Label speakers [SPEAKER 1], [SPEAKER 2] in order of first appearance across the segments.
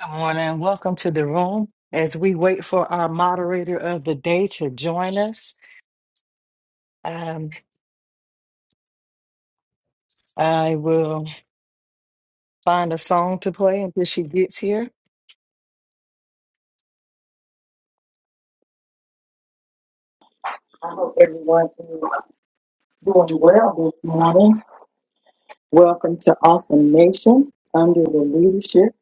[SPEAKER 1] Good morning. Welcome to the room. As we wait for our moderator of the day to join us, um, I will find a song to play until she gets here. I hope everyone is doing well this morning. Welcome to Awesome Nation under the leadership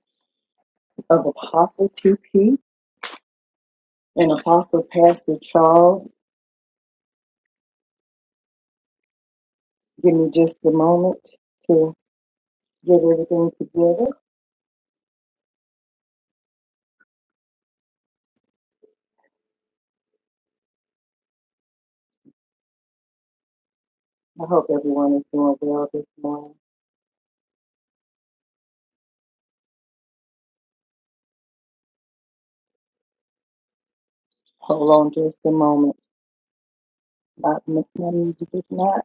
[SPEAKER 1] of Apostle TP and Apostle Pastor Charles. Give me just a moment to get everything together. A moment. My, my music is not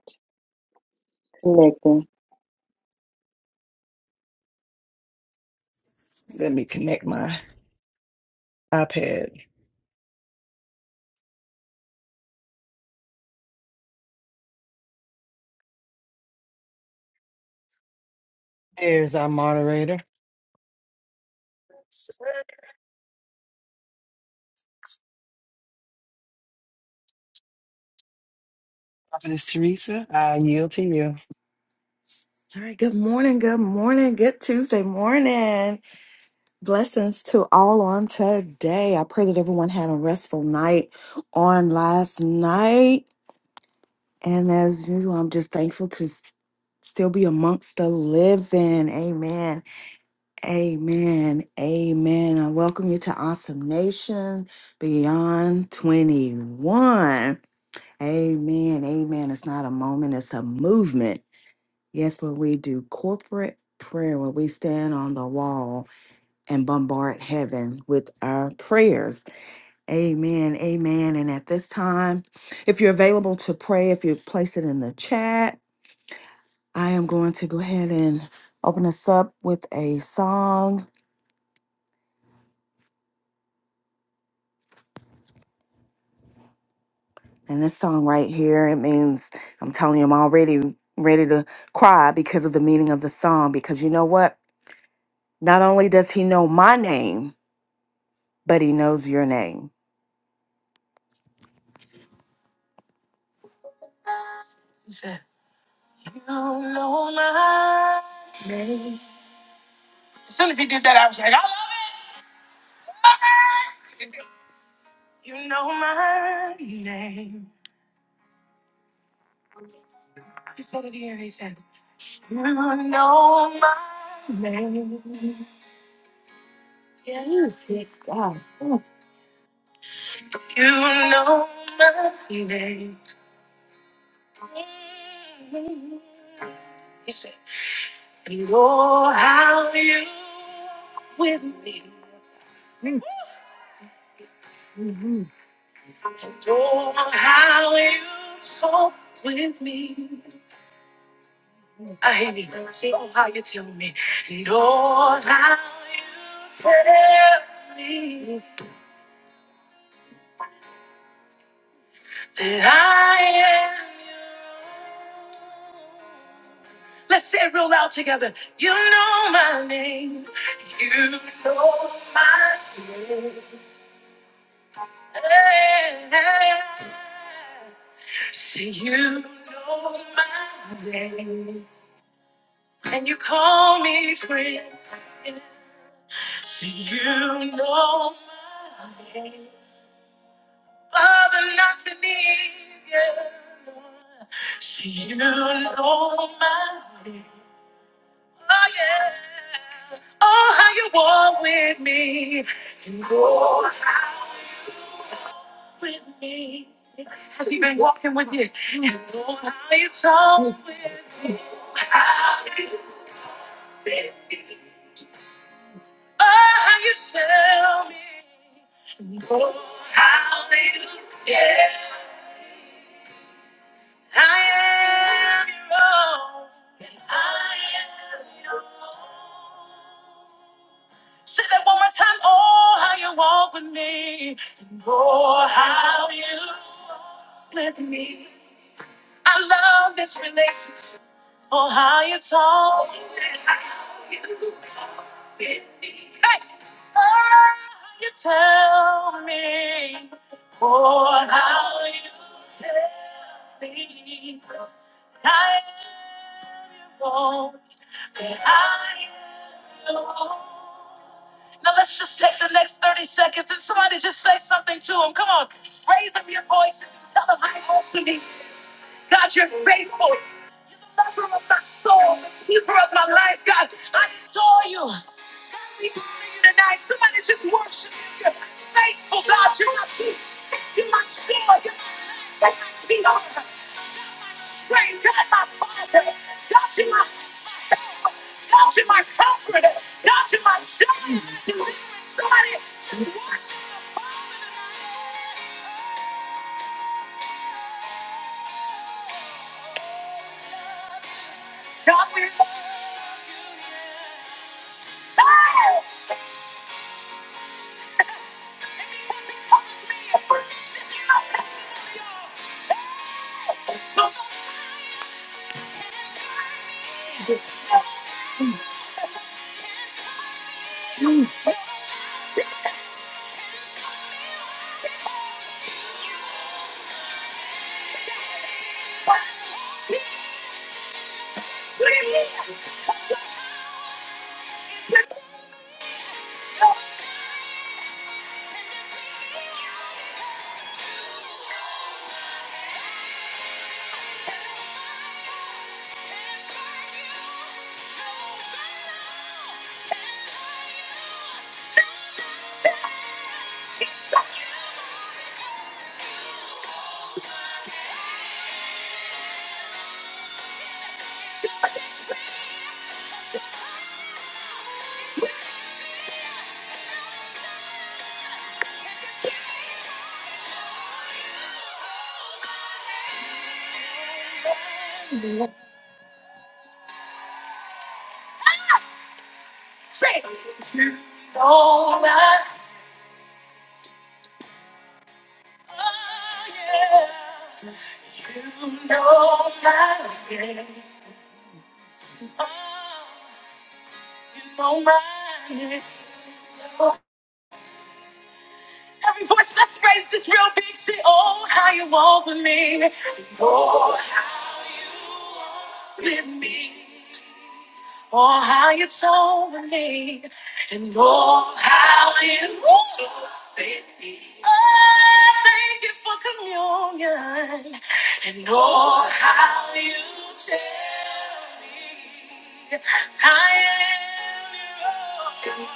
[SPEAKER 1] connecting. Let me connect mine. iPad. There's our moderator, Prophetess Teresa. I yield to you.
[SPEAKER 2] All right, good morning, good morning, good Tuesday morning. Blessings to all on today. I pray that everyone had a restful night on last night. And as usual, I'm just thankful to s- still be amongst the living. Amen. Amen. Amen. I welcome you to Awesome Nation Beyond 21. Amen. Amen. It's not a moment, it's a movement. Yes, when we do corporate prayer, when we stand on the wall and bombard heaven with our prayers. Amen. Amen. And at this time, if you're available to pray, if you place it in the chat, I am going to go ahead and open us up with a song. And this song right here, it means I'm telling you, I'm already ready to cry because of the meaning of the song. Because you know what? Not only does he know my name, but he knows your name. No, no, my. As soon as he did that, I was like, I love it. Love it. You know my name. He said it here. He said, You know my name. Yes, yes, God. Mm. You know my name. Mm. He said, You know how you with me. And oh, how you talk with me. I hate you. Oh, how you tell me. And oh, how you tell me that I am yours. Let's say it real loud together. You know my name. You know my name. Say you know my name. and you call me friend. So you know my name. Father, not to me. So you know my name. Oh, yeah. Oh, how you walk with me. And oh, how you walk with me. Has he been walking with you? And oh, how you talk with me. Oh, how you tell me. Oh, how you tell I am your own. I am your own. Say that one more time. Oh, how you walk with me. Oh, how you walk with me. I love this relationship for how you talk. Hey! Oh, you tell me for how you tell me I am your own, that I am your own. Now let's just take the next 30 seconds and somebody just say something to him. Come on, raise up your voices and tell them how awesome he is. God, you're faithful lover of my soul, the keeper of my life, God. I adore you. God, we adore you tonight. Somebody just worship you. You're faithful, God. You're my peace. You're my joy. You're my everything I need. Great God, my Father. God, you're my help. God, you're my comforter. God, you're my joy. God, we love you. Know that you know my name. You know my name. Every voice that's raised is real big shit. Oh, how you walk with me. Oh, how you walk with me. Oh, how you talk with me. And oh, how you talk with me. Oh, thank you for communion. And oh, how you tell me I am your own.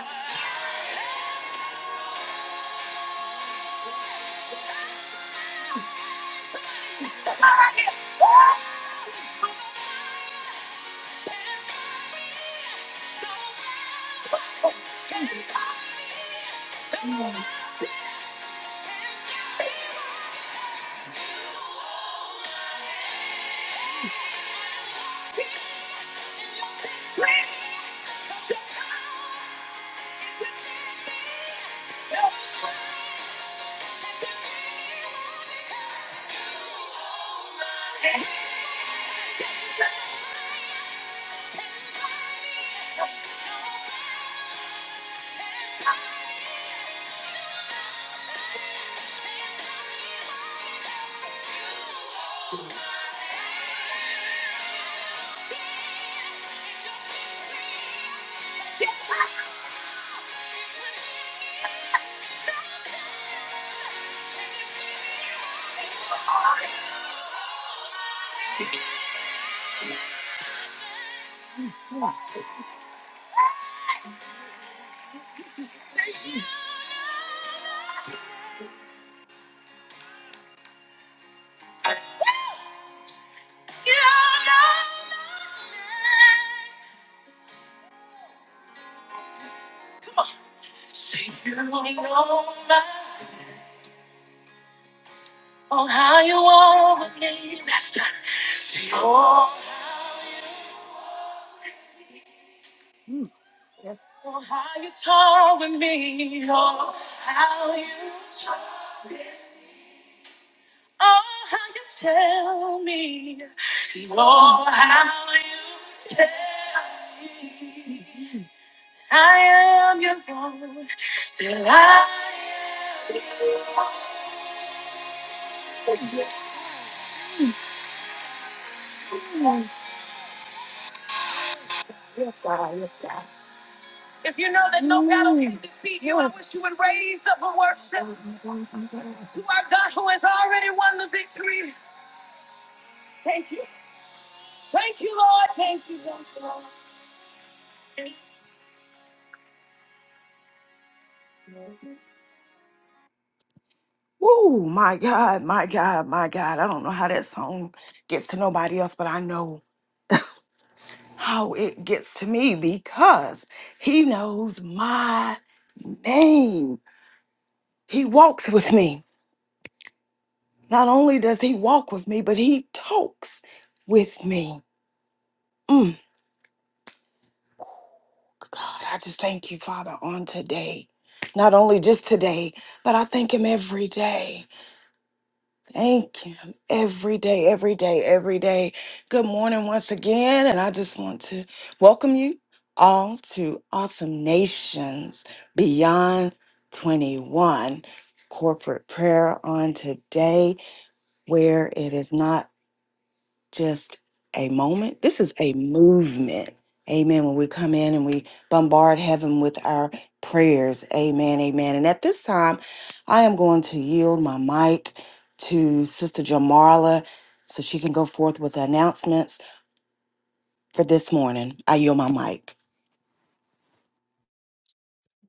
[SPEAKER 2] Say you only know my oh how you want me last time. Say oh how you oh how you talk with me oh how you talk with me oh how you tell me oh how you tell me I am your own that I am your own. If you know that no battle can defeat you, I wish you would raise up and worship to our God who has already won the victory. Thank you. Thank you, Lord. Thank you, Lord. Ooh, my God, my God, my God. I don't know how that song gets to nobody else, but I know how it gets to me because he knows my name. He walks with me. Not only does he walk with me, but he talks with me. Mm. God, I just thank you, Father, on today. Not only just today, but I thank him every day. Thank him every day, every day, every day. Good morning once again. And I just want to welcome you all to Awesome Nations Beyond 21 corporate prayer on today, where it is not just a moment. This is a movement. Amen. When we come in and we bombard heaven with our prayers. Amen. Amen. And at this time, I am going to yield my mic to Sister Jamarla so she can go forth with the announcements for this morning. I yield my mic.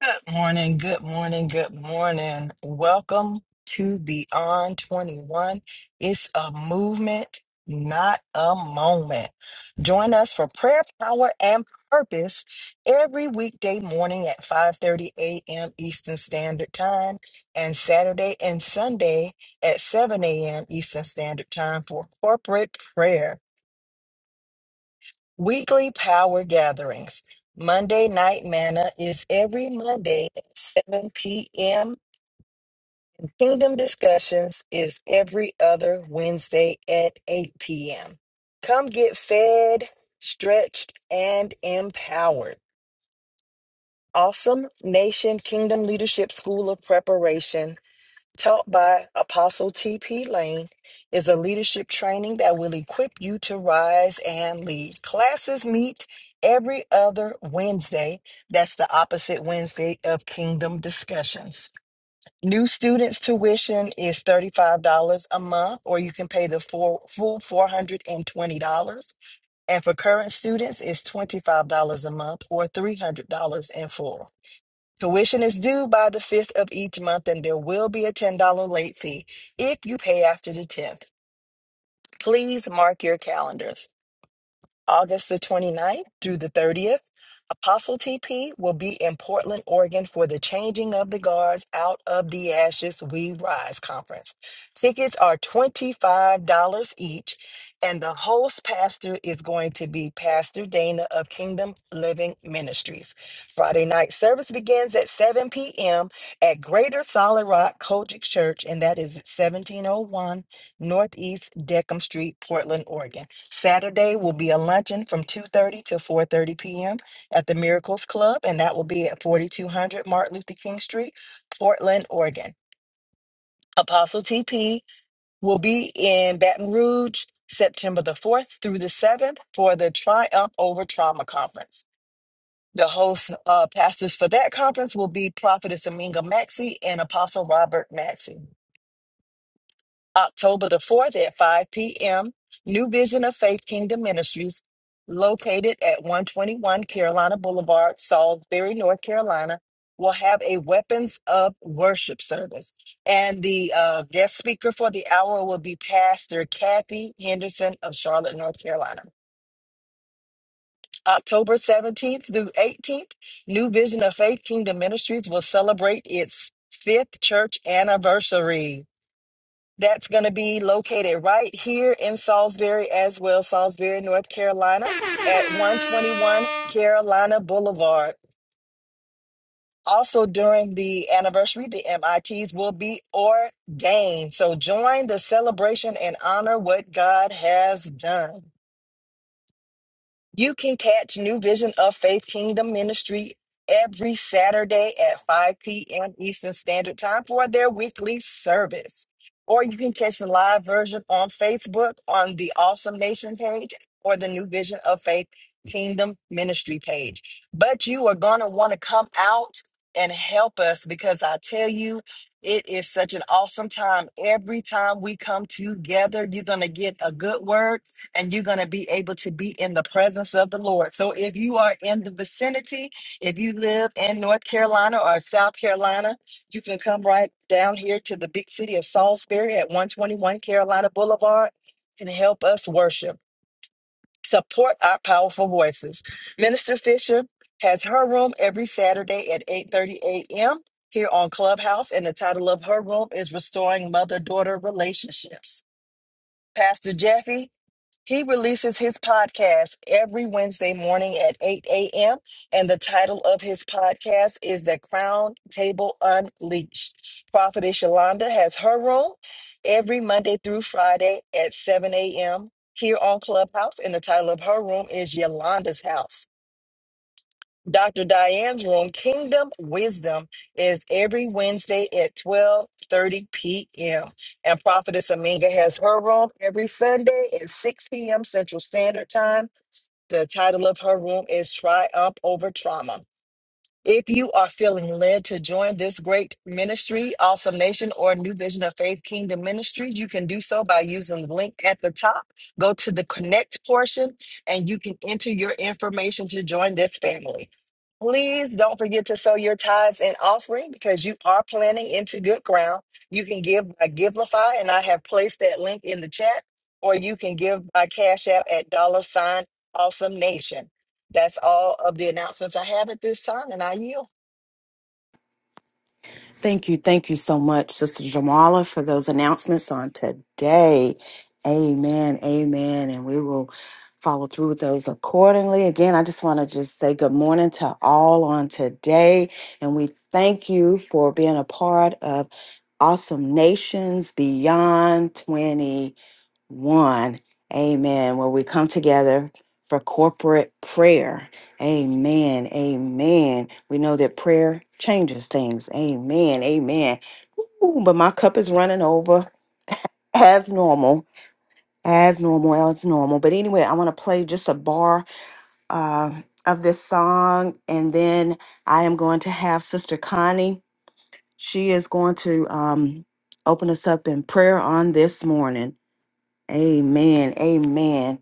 [SPEAKER 1] Good morning, good morning, good morning. Welcome to Beyond 21. It's a movement, not a moment. Join us for prayer, power, and purpose every weekday morning at 5:30 a.m. Eastern Standard Time and Saturday and Sunday at 7 a.m. Eastern Standard Time for corporate prayer. Weekly power gatherings. Monday Night Manna is every Monday at 7 p.m. Kingdom Discussions is every other Wednesday at 8 p.m. Come get fed, stretched, and empowered. Awesome Nation Kingdom Leadership School of Preparation taught by Apostle T.P. Lane, is a leadership training that will equip you to rise and lead. Classes meet every other Wednesday. That's the opposite Wednesday of Kingdom Discussions. New students' tuition is $35 a month, or you can pay the full, full $420. And for current students, it's $25 a month or $300 in full. Tuition is due by the 5th of each month, and there will be a $10 late fee if you pay after the 10th. Please mark your calendars. August the twenty ninth through the 30th, Apostle TP will be in Portland, Oregon for the Changing of the Guards Out of the Ashes We Rise conference. Tickets are $25 each, and the host pastor is going to be Pastor Dana of Kingdom Living Ministries. Friday night service begins at 7 p.m. at Greater Solid Rock Kojic Church, and that is at 1701 Northeast Deckham Street, Portland, Oregon. Saturday will be a luncheon from 2:30 to 4:30 p.m. at the Miracles Club, and that will be at 4200 Martin Luther King Street, Portland, Oregon. Apostle TP will be in Baton Rouge September the 4th through the 7th for the Triumph Over Trauma Conference. The host uh, pastors for that conference will be Prophetess Aminga Maxey and Apostle Robert Maxey. October the 4th at 5 p.m., New Vision of Faith Kingdom Ministries, located at 121 Carolina Boulevard, Salisbury, North Carolina, will have a Weapons of Worship service. And the uh, guest speaker for the hour will be Pastor Kathy Henderson of Charlotte, North Carolina. October 17th through 18th, New Vision of Faith Kingdom Ministries will celebrate its fifth church anniversary. That's going to be located right here in Salisbury as well, Salisbury, North Carolina, at 121 Carolina Boulevard. Also, during the anniversary, the MITs will be ordained. So join the celebration and honor what God has done. You can catch New Vision of Faith Kingdom Ministry every Saturday at 5 p.m. Eastern Standard Time for their weekly service. Or you can catch the live version on Facebook on the Awesome Nation page or the New Vision of Faith Kingdom Ministry page. But you are going to want to come out and help us because I tell you, it is such an awesome time. Every time we come together, you're going to get a good word and you're going to be able to be in the presence of the Lord. So if you are in the vicinity, if you live in North Carolina or South Carolina, you can come right down here to the big city of Salisbury at 121 Carolina Boulevard and help us worship. Support our powerful voices. Minister Fisher has her room every Saturday at 8:30 a.m. here on Clubhouse and the title of her room is Restoring Mother-Daughter Relationships. Pastor Jeffy he releases his podcast every Wednesday morning at 8 a.m. And the title of his podcast is The Crown Table Unleashed. Prophetess Yolanda has her room every Monday through Friday at 7 a.m. here on Clubhouse. And the title of her room is Yolanda's House. Dr. Diane's room, Kingdom Wisdom, is every Wednesday at 12:30 p.m. And Prophetess Aminga has her room every Sunday at 6 p.m. Central Standard Time. The title of her room is Triumph Over Trauma. If you are feeling led to join this great ministry, Awesome Nation, or New Vision of Faith Kingdom Ministries, you can do so by using the link at the top. Go to the connect portion and you can enter your information to join this family. Please don't forget to sow your tithes and offering because you are planting into good ground. You can give by Givelify, and I have placed that link in the chat, or you can give by Cash App at dollar sign Awesome Nation. That's all of the announcements I have at this time, and I yield.
[SPEAKER 2] Thank you. Thank you so much, Sister Jamala, for those announcements on today. Amen. Amen. And we will follow through with those accordingly. Again, I just want to just say good morning to all on today. And we thank you for being a part of Awesome Nations Beyond 20 one. Amen. When we come together for corporate prayer. Amen. Amen. We know that prayer changes things. Amen. Amen. Ooh, but my cup is running over as normal, as normal, as normal. But anyway, I want to play just a bar uh, of this song, and then I am going to have Sister Connie. She is going to um, open us up in prayer on this morning. Amen. Amen.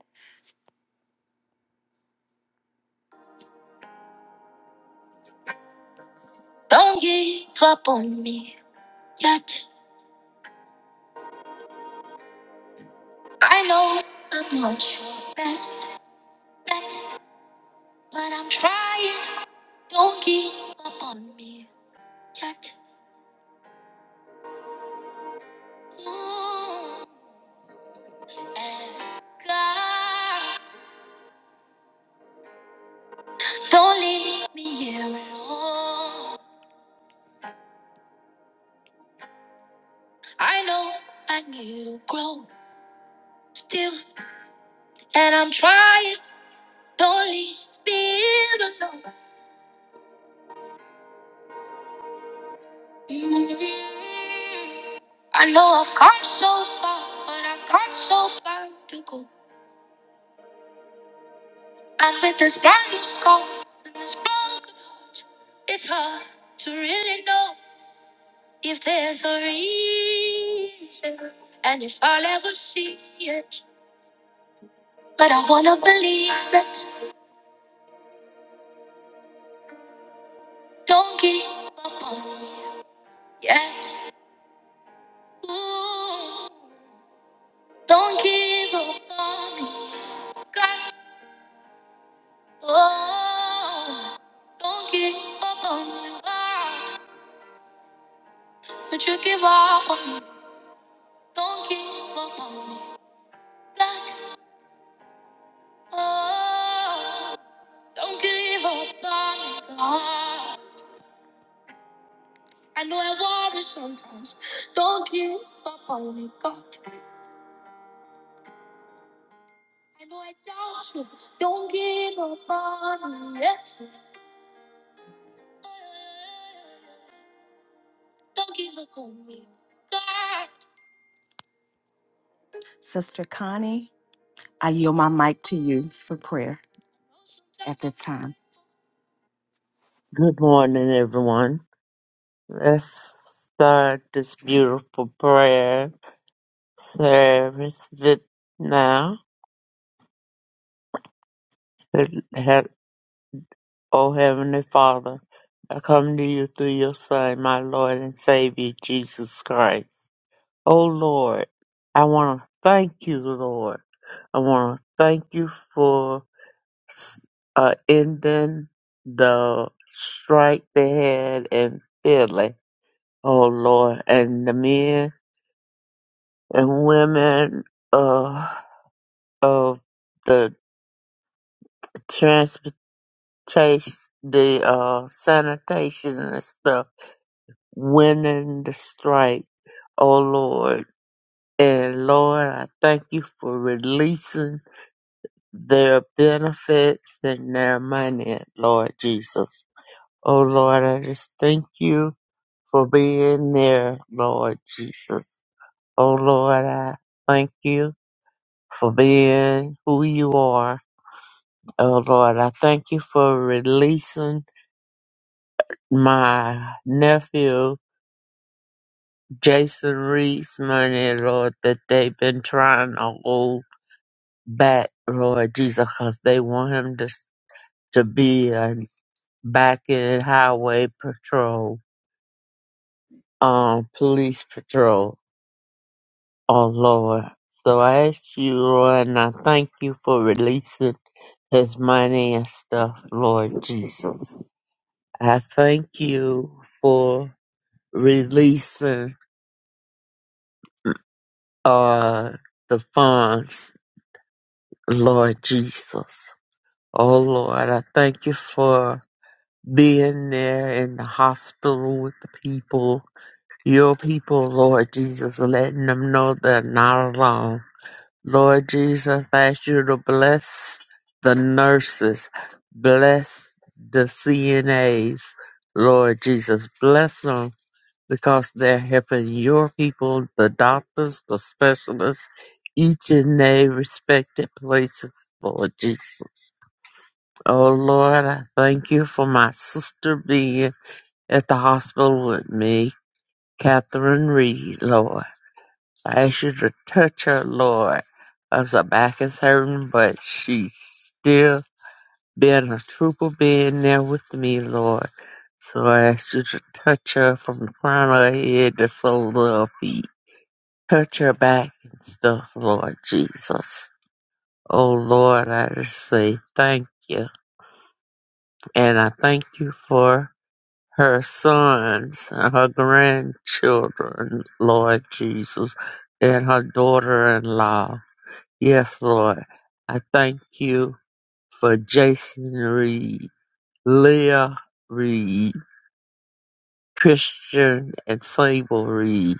[SPEAKER 2] Sister Connie, I yield my mic to you for prayer
[SPEAKER 3] Good morning, everyone. Let's start this beautiful prayer service that now. That- Oh, Heavenly Father, I come to you through your Son, my Lord and Savior, Jesus Christ. Oh, Lord, I want to thank you, Lord. I want to thank you for uh, ending the strike they had in Philly. Oh, Lord, and the men and women uh, of the transportation, the uh, sanitation and stuff, winning the strike. Oh Lord. And Lord, I thank you for releasing their benefits and their money, Lord Jesus. Oh Lord, I just thank you for being there, Lord Jesus. Oh Lord, I thank you for being who you are Oh Lord, I thank you for releasing my nephew Jason Reed's money, Lord, that they've been trying to hold back, Lord Jesus, 'cause they want him to to be a back in highway patrol, um, police patrol. Oh Lord, so I ask you, Lord, and I thank you for releasing his money and stuff, Lord Jesus. I thank you for releasing uh the funds, Lord Jesus. Oh Lord, I thank you for being there in the hospital with the people, your people, Lord Jesus, letting them know they're not alone. Lord Jesus, I ask you to bless the nurses, bless the CNAs, Lord Jesus, bless 'em because they're helping your people, the doctors, the specialists, each in their respective places, Lord Jesus. Oh Lord, I thank you for my sister being at the hospital with me, Catherine Reed, Lord. I ask you to touch her, Lord, as her back is hurting, but she's still being a trooper being there with me, Lord. So I ask you to touch her from the crown of her head to the sole of her feet. Cut your back and stuff, Lord Jesus. Oh Lord, I just say thank you. And I thank you for her sons and her grandchildren, Lord Jesus, and her daughter in law. Yes, Lord. I thank you for Jason Reed, Leah Reed, Christian and Sable Reed,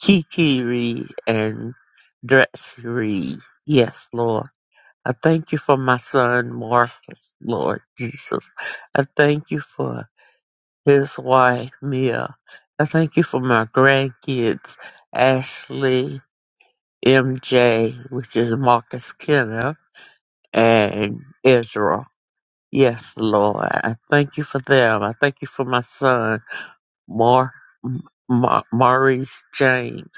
[SPEAKER 3] Kiki Reed, and Dressy Reed. Yes, Lord. I thank you for my son Marcus, Lord Jesus. I thank you for his wife, Mia. I thank you for my grandkids, Ashley, MJ, which is Marcus Kenneth, and Israel. Yes, Lord. I thank you for them. I thank you for my son, Mar- Ma- Maurice James.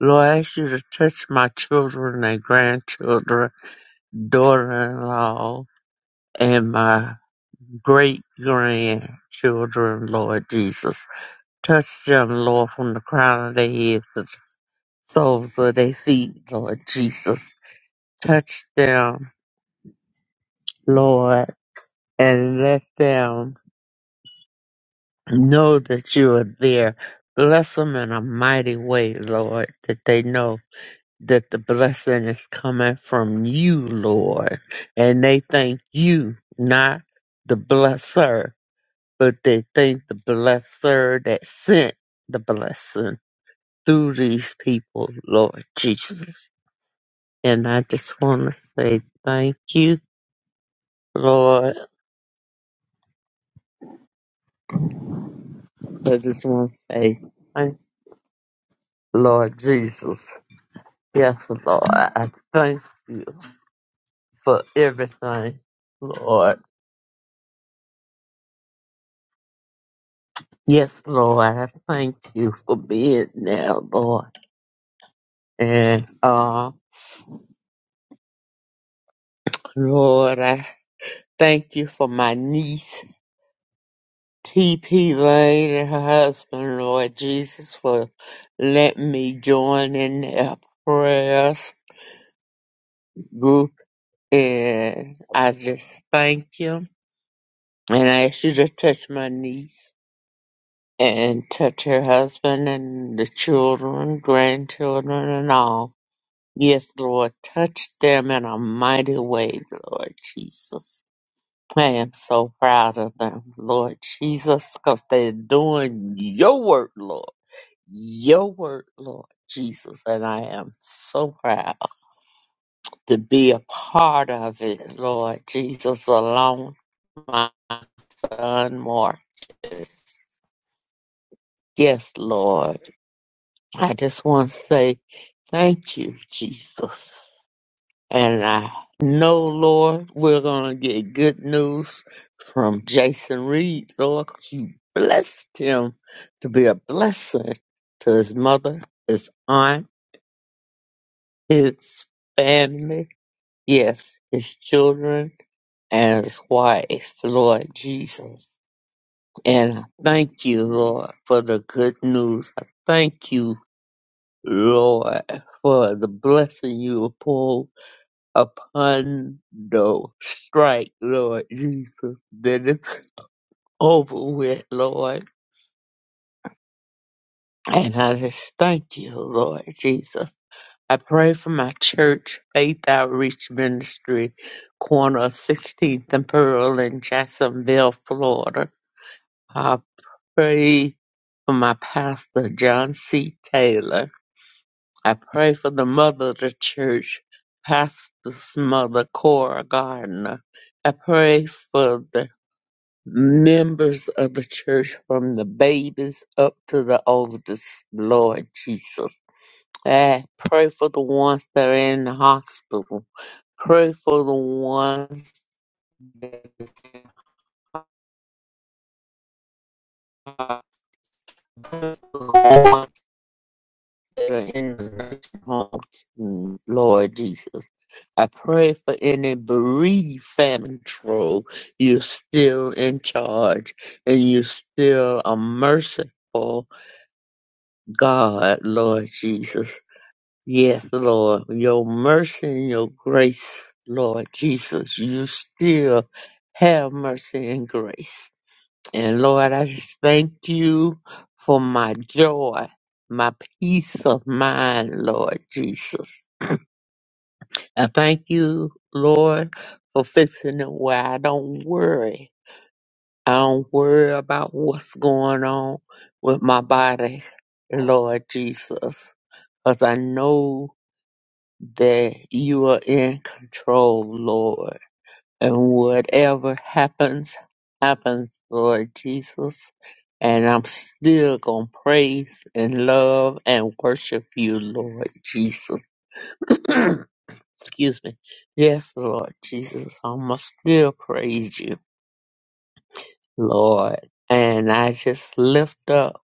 [SPEAKER 3] Lord, I ask you to touch my children and grandchildren, daughter-in-law, and my great grandchildren, Lord Jesus. Touch them, Lord, from the crown of their heads to the soles of their feet, Lord Jesus. Touch them, Lord, and let them know that you are there. Bless them in a mighty way, Lord, that they know that the blessing is coming from you, Lord, and they thank you, not the blesser but they thank the blesser that sent the blessing through these people, Lord Jesus. And I just want to say thank you, Lord. I just want to say thank you, Lord Jesus. Yes, Lord, I thank you for everything, Lord. Yes, Lord, I thank you for being there, Lord. And, uh, Lord, I thank you for my niece. T.P. Lane and her husband, Lord Jesus, for letting me join in their prayers group. And I just thank you. And I ask you to touch my niece and touch her husband and the children, grandchildren, and all. Yes, Lord, touch them in a mighty way, Lord Jesus. I am so proud of them, Lord Jesus, because they're doing your work, Lord. your work, Lord Jesus, and I am so proud to be a part of it, Lord Jesus, along with my son Marcus. Yes, Lord. I just want to say thank you, Jesus. And I know, Lord, we're going to get good news from Jason Reed, Lord, 'cause you blessed him to be a blessing to his mother, his aunt, his family Yes, his children and his wife, Lord Jesus. And I thank you, Lord, for the good news. I thank you, Lord, for the blessing you pour upon the strike, Lord Jesus, that it's over with, Lord. And I just thank you, Lord Jesus. I pray for my church, Faith Outreach Ministry, corner of 16th and Pearl in Jacksonville, Florida. I pray for my pastor, John C. Taylor. I pray for the mother of the church, pastor's mother, Cora Gardner. I pray for the members of the church from the babies up to the oldest, Lord Jesus. I pray for the ones that are in the hospital. Pray for the ones that are the ones that are in the nursing homes, mm, Lord Jesus. I pray for any bereaved family trouble. You're still in charge and you're still a merciful God, Lord Jesus. Yes, Lord, your mercy and your grace, Lord Jesus, you still have mercy and grace. And Lord, I just thank you for my joy, my peace of mind, Lord Jesus. I thank you, Lord, for fixing it where I don't worry. I don't worry about what's going on with my body, Lord Jesus, because I know that you are in control, Lord. And whatever happens, happens, Lord Jesus. And I'm still going to praise and love and worship you, Lord Jesus. Excuse me. Yes, Lord Jesus. I'm going to still praise you, Lord. And I just lift up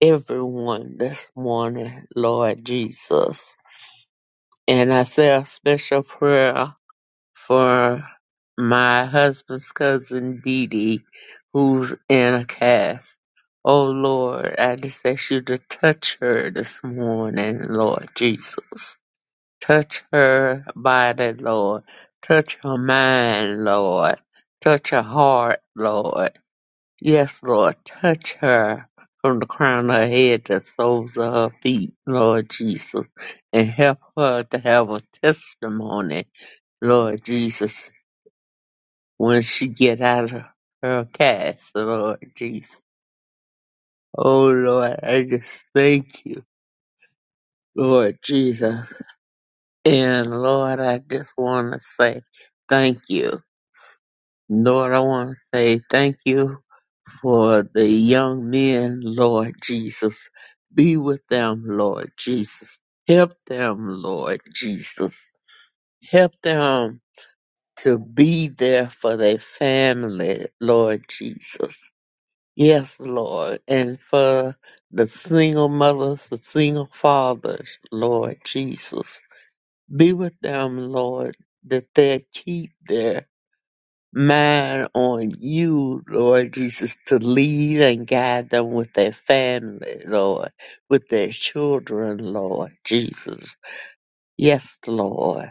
[SPEAKER 3] everyone this morning, Lord Jesus. And I say a special prayer for my husband's cousin Dee Dee, who's in a cast. Oh Lord, I just ask you to touch her this morning, Lord Jesus. Touch her body, Lord. Touch her mind, Lord. Touch her heart, Lord. Yes, Lord, touch her from the crown of her head to the soles of her feet, Lord Jesus. And help her to have a testimony Lord Jesus when she get out of her castle, Lord Jesus. Oh Lord, I just thank you, Lord Jesus. And Lord, I just want to say thank you. Lord, I want to say thank you for the young men, Lord Jesus. Be with them, Lord Jesus. Help them, Lord Jesus. Help them to be there for their family, Lord Jesus Yes, Lord. And for the single mothers, the single fathers, Lord Jesus, be with them, Lord, that they keep their mind on you, Lord Jesus, to lead and guide them with their family, Lord, with their children, Lord Jesus. Yes, Lord.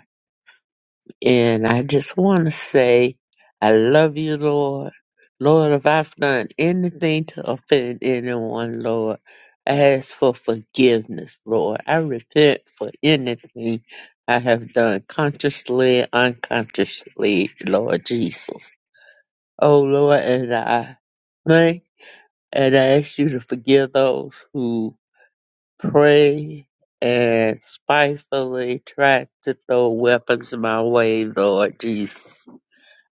[SPEAKER 3] And I just want to say, I love you, Lord. Lord, if I've done anything to offend anyone, Lord, I ask for forgiveness, Lord. I repent for anything I have done consciously, unconsciously, Lord Jesus. Oh, Lord, and I pray and I ask you to forgive those who pray and spitefully try to throw weapons my way, Lord Jesus.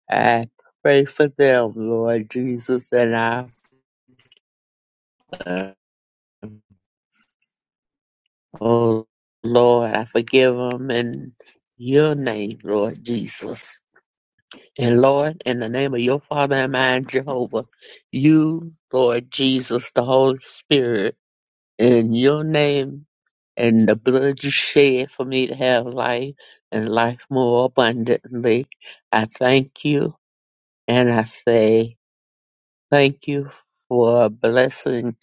[SPEAKER 3] I pray for them, Lord Jesus, and I, oh Lord, I forgive them in your name, Lord Jesus. And Lord, in the name of your Father and mine, Jehovah, you, Lord Jesus, the Holy Spirit, in your name and the blood you shed for me to have life and life more abundantly, I thank you and I say Thank you for blessing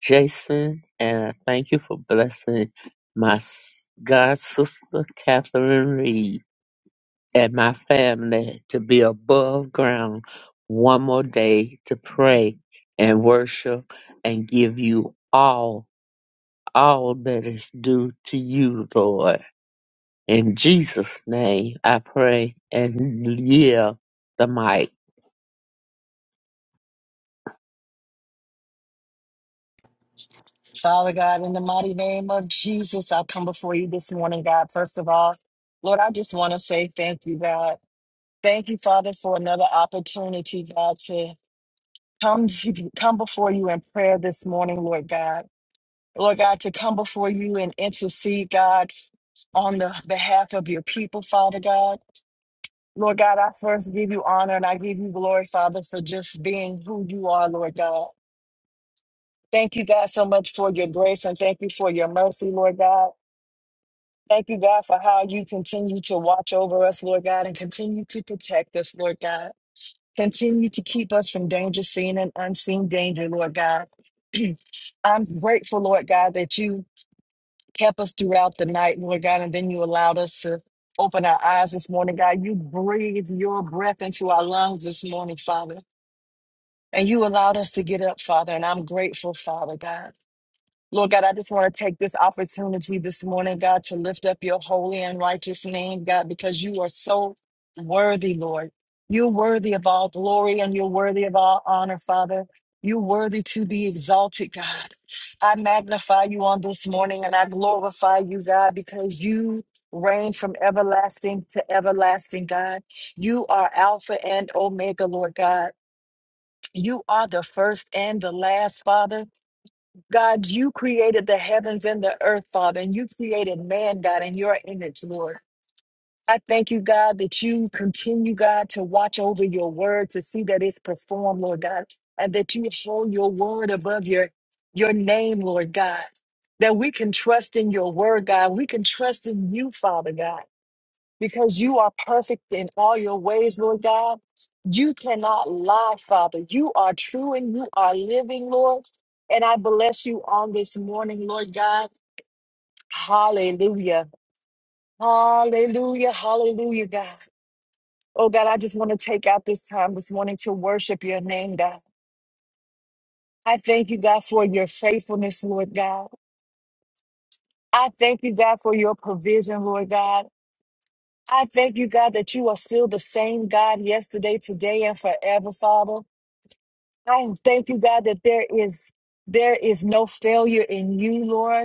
[SPEAKER 3] Jason, and I thank you for blessing my s- God sister Catherine Reed and my family to be above ground one more day to pray and worship and give you all, all that is due to you, Lord. In Jesus' name, I pray and yield the mic.
[SPEAKER 1] Father God, in the mighty name of Jesus, I come before you this morning, God. First of all, Lord, I just want to say thank you, God. Thank you, Father, for another opportunity, God, to come come before you in prayer this morning, Lord God. Lord God, to come before you and intercede, God, on the behalf of your people, Father God. Lord God, I first give you honor and I give you glory, Father, for just being who you are, Lord God. Thank you, God, so much for your grace and thank you for your mercy, Lord God. Thank you, God, for how you continue to watch over us, Lord God, and continue to protect us, Lord God. Continue to keep us from danger, seen and unseen danger, Lord God. I'm grateful, Lord God, that you kept us throughout the night, Lord God, and then you allowed us to open our eyes this morning, God. You breathed your breath into our lungs this morning, Father, and you allowed us to get up, Father, and I'm grateful, Father God. Lord God, I just want to take this opportunity this morning, God, to lift up your holy and righteous name, God, because you are so worthy, Lord. You're worthy of all glory and you're worthy of all honor, Father. You're worthy to be exalted, God. I magnify you on this morning and I glorify you, God, because you reign from everlasting to everlasting, God. You are Alpha and Omega, Lord God. You are the first and the last, Father. God, you created the heavens and the earth, Father, and you created man, God, in your image, Lord. I thank you, God, that you continue, God, to watch over your word to see that it's performed, Lord God, and that you hold your word above your, your name, Lord God. That we can trust in your word, God. We can trust in you, Father God because you are perfect in all your ways, Lord God. You cannot lie, Father. You are true and you are living, Lord. And I bless you on this morning, Lord God. Hallelujah. Hallelujah. Hallelujah, God. Oh, God, I just want to take out this time this morning to worship your name, God. I thank you, God, for your faithfulness, Lord God. I thank you, God, for your provision, Lord God. I thank you, God, that you are still the same God yesterday, today, and forever, Father. Oh, thank you, God, that there is there is no failure in you, Lord.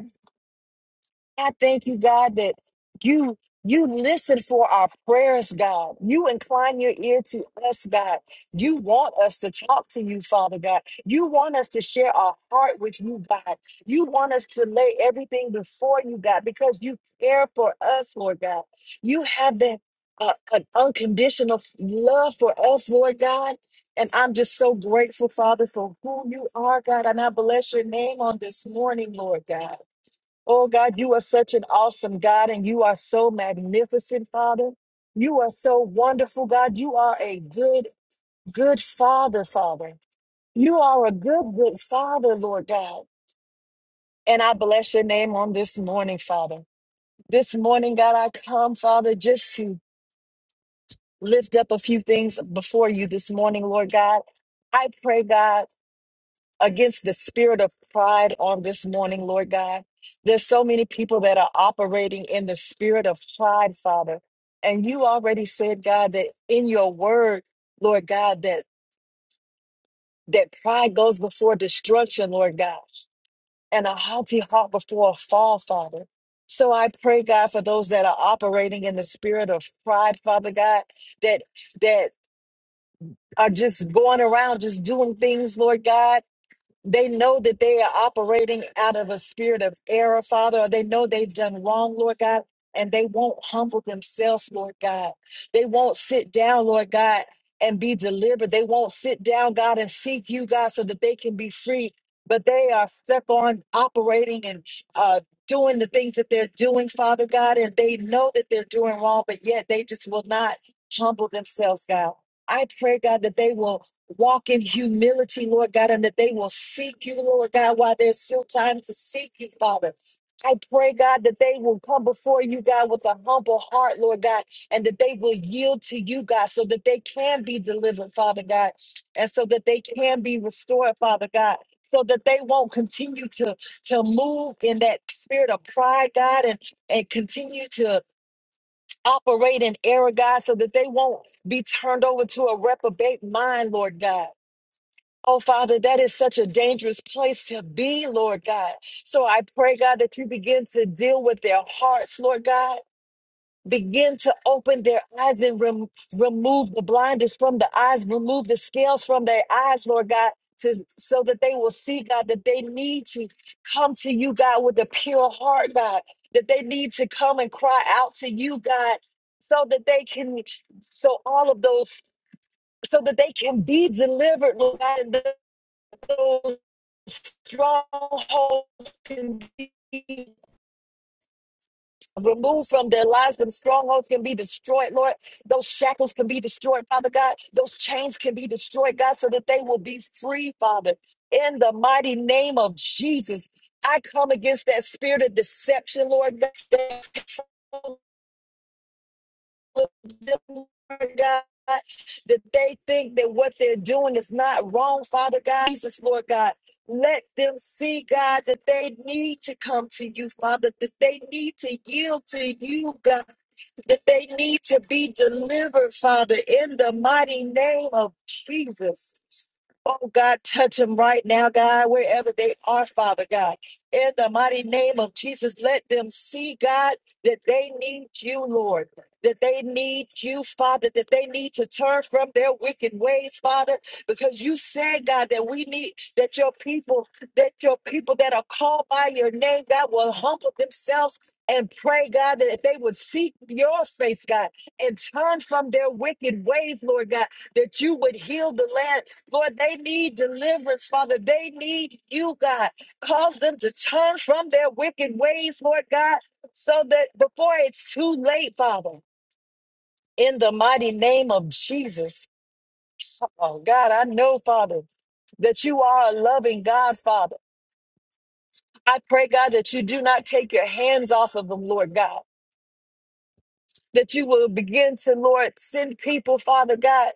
[SPEAKER 1] I thank you, God, that you you listen for our prayers, God. You incline your ear to us, God. You want us to talk to you, Father God. You want us to share our heart with you, God. You want us to lay everything before you, God, because you care for us, Lord God. You have that uh, an unconditional love for us, Lord God. And I'm just so grateful, Father, for who you are, God. And I bless your name on this morning, Lord God. Oh God, you are such an awesome God and you are so magnificent, Father. You are so wonderful, God. You are a good, good Father, Father. You are a good, good Father, Lord God. And I bless your name on this morning, Father. This morning, God, I come, Father, just to lift up a few things before you this morning, Lord God. I pray, God. against the spirit of pride on this morning, Lord God. There's so many people that are operating in the spirit of pride, Father. And you already said, God, that in your word, Lord God, that that pride goes before destruction, Lord God, and a haughty heart before a fall, Father. So I pray, God, for those that are operating in the spirit of pride, Father God, that that are just going around, just doing things, Lord God They know that they are operating out of a spirit of error, Father, or they know they've done wrong, Lord God, and they won't humble themselves, Lord God. They won't sit down, Lord God, and be delivered. They won't sit down, God, and seek you, God, so that they can be free. But they are stuck on operating and uh, doing the things that they're doing, Father God, and they know that they're doing wrong, but yet they just will not humble themselves, God. I pray, God, that they will walk in humility, Lord God, and that they will seek you, Lord God, while there's still time to seek you, Father. I pray, God, that they will come before you, God, with a humble heart, Lord God, and that they will yield to you, God, so that they can be delivered, Father God, and so that they can be restored, Father God, so that they won't continue to, to move in that spirit of pride, God, and, and continue to operate in error, God, so that they won't be turned over to a reprobate mind, Lord God. Oh, Father, that is such a dangerous place to be, Lord God. So I pray, God, that you begin to deal with their hearts, Lord God. Begin to open their eyes and rem- remove the blinders from the eyes, remove the scales from their eyes, Lord God, to, so that they will see, God, that they need to come to you, God, with a pure heart, God, that they need to come and cry out to you, God, so that they can, so all of those so that they can be delivered, Lord God those strongholds can be removed from their lives. Them strongholds can be destroyed, Lord. Those shackles can be destroyed, Father God. Those chains can be destroyed, God, so that they will be free, Father. In the mighty name of Jesus, I come against that spirit of deception, Lord God. that them, Lord God, that they think that what they're doing is not wrong, Father God, Jesus, Lord God. Let them see, God, that they need to come to you, Father, that they need to yield to you, God, that they need to be delivered, Father, in the mighty name of Jesus. Oh God, touch them right now, God, wherever they are, Father God. In the mighty name of Jesus, let them see, God, that they need you, Lord. That they need you, Father, that they need to turn from their wicked ways, Father, because you said, God, that we need that your people, that your people that are called by your name, God, will humble themselves and pray, God, that they would seek your face, God, and turn from their wicked ways, Lord God, that you would heal the land Lord, they need deliverance, Father. They need you, God. Cause them to turn from their wicked ways, Lord God, so that before it's too late, Father, in the mighty name of Jesus. Oh, God, I know, Father, that you are a loving God, Father. I pray, God, that you do not take your hands off of them, Lord God. that you will begin to lord send people father god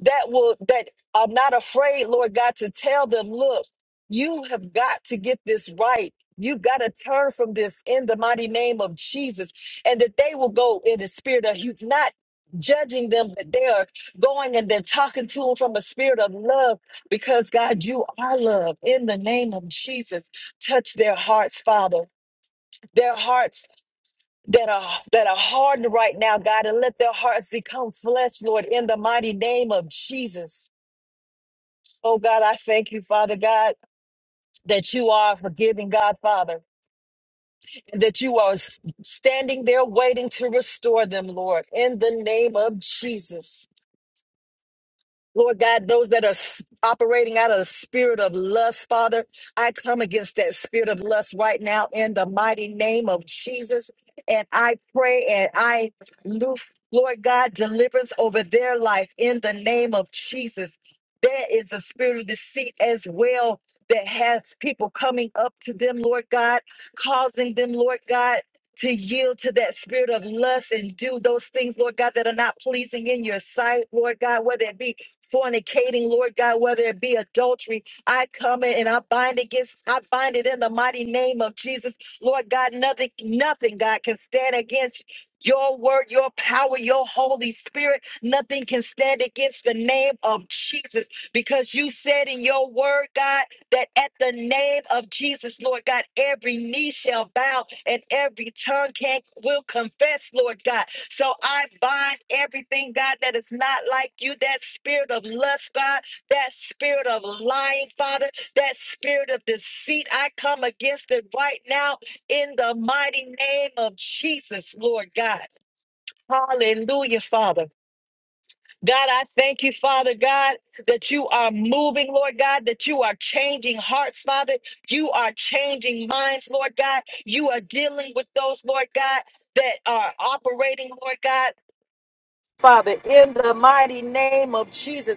[SPEAKER 1] that will that are not afraid lord god to tell them look you have got to get this right you got to turn from this in the mighty name of jesus and that they will go in the spirit of you not judging them but they are going and they're talking to them from a spirit of love because god you are love in the name of jesus touch their hearts father their hearts that are that are hardened right now, God, and let their hearts become flesh, Lord, in the mighty name of Jesus. Oh God, I thank you, Father God, that you are forgiving God, Father, and that you are s- standing there waiting to restore them, Lord, in the name of Jesus. Lord God, those that are s- operating out of the spirit of lust, Father, I come against that spirit of lust right now in the mighty name of Jesus. And I pray and I loose, Lord God, deliverance over their life in the name of Jesus. There is a spirit of deceit as well that has people coming up to them, Lord God, causing them, Lord God, to yield to that spirit of lust and do those things, Lord God, that are not pleasing in your sight, Lord God, whether it be fornicating, Lord God, whether it be adultery. I come in and I bind against, I bind it in the mighty name of Jesus. Lord God, nothing, nothing, God, can stand against your word, your power, your Holy Spirit. Nothing can stand against the name of Jesus because you said in your word, God that at the name of Jesus, Lord God, every knee shall bow and every tongue can will confess, Lord God. So I bind everything, God, that is not like you, that spirit of lust, God, that spirit of lying, Father, that spirit of deceit. I come against it right now in the mighty name of Jesus, Lord God. Hallelujah, Father. God, I thank you, Father God, that you are moving, Lord God, that you are changing hearts, Father. You are changing minds, Lord God. You are dealing with those, Lord God, that are operating, Lord God. Father, in the mighty name of Jesus.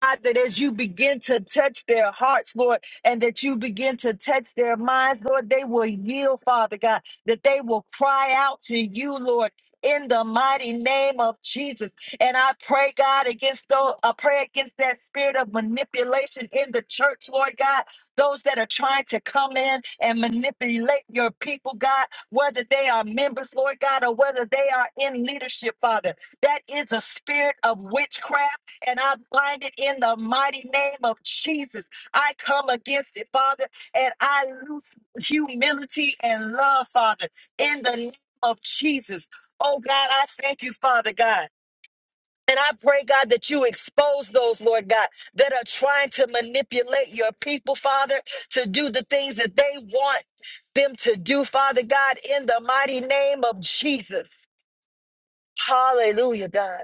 [SPEAKER 1] God, that as you begin to touch their hearts, Lord, and that you begin to touch their minds, Lord, they will yield, Father God, that they will cry out to you, Lord, in the mighty name of Jesus. And I pray, God, against those, I pray against that spirit of manipulation in the church, Lord God, those that are trying to come in and manipulate your people, God, whether they are members, Lord God, or whether they are in leadership, Father. That is a spirit of witchcraft and I bind it in the mighty name of Jesus. I come against it, Father, and I loose humility and love, Father, in the name of Jesus. Oh God, I thank you, Father God. And I pray, God, that you expose those, Lord God, that are trying to manipulate your people, Father, to do the things that they want them to do, Father God, in the mighty name of Jesus. Hallelujah, God.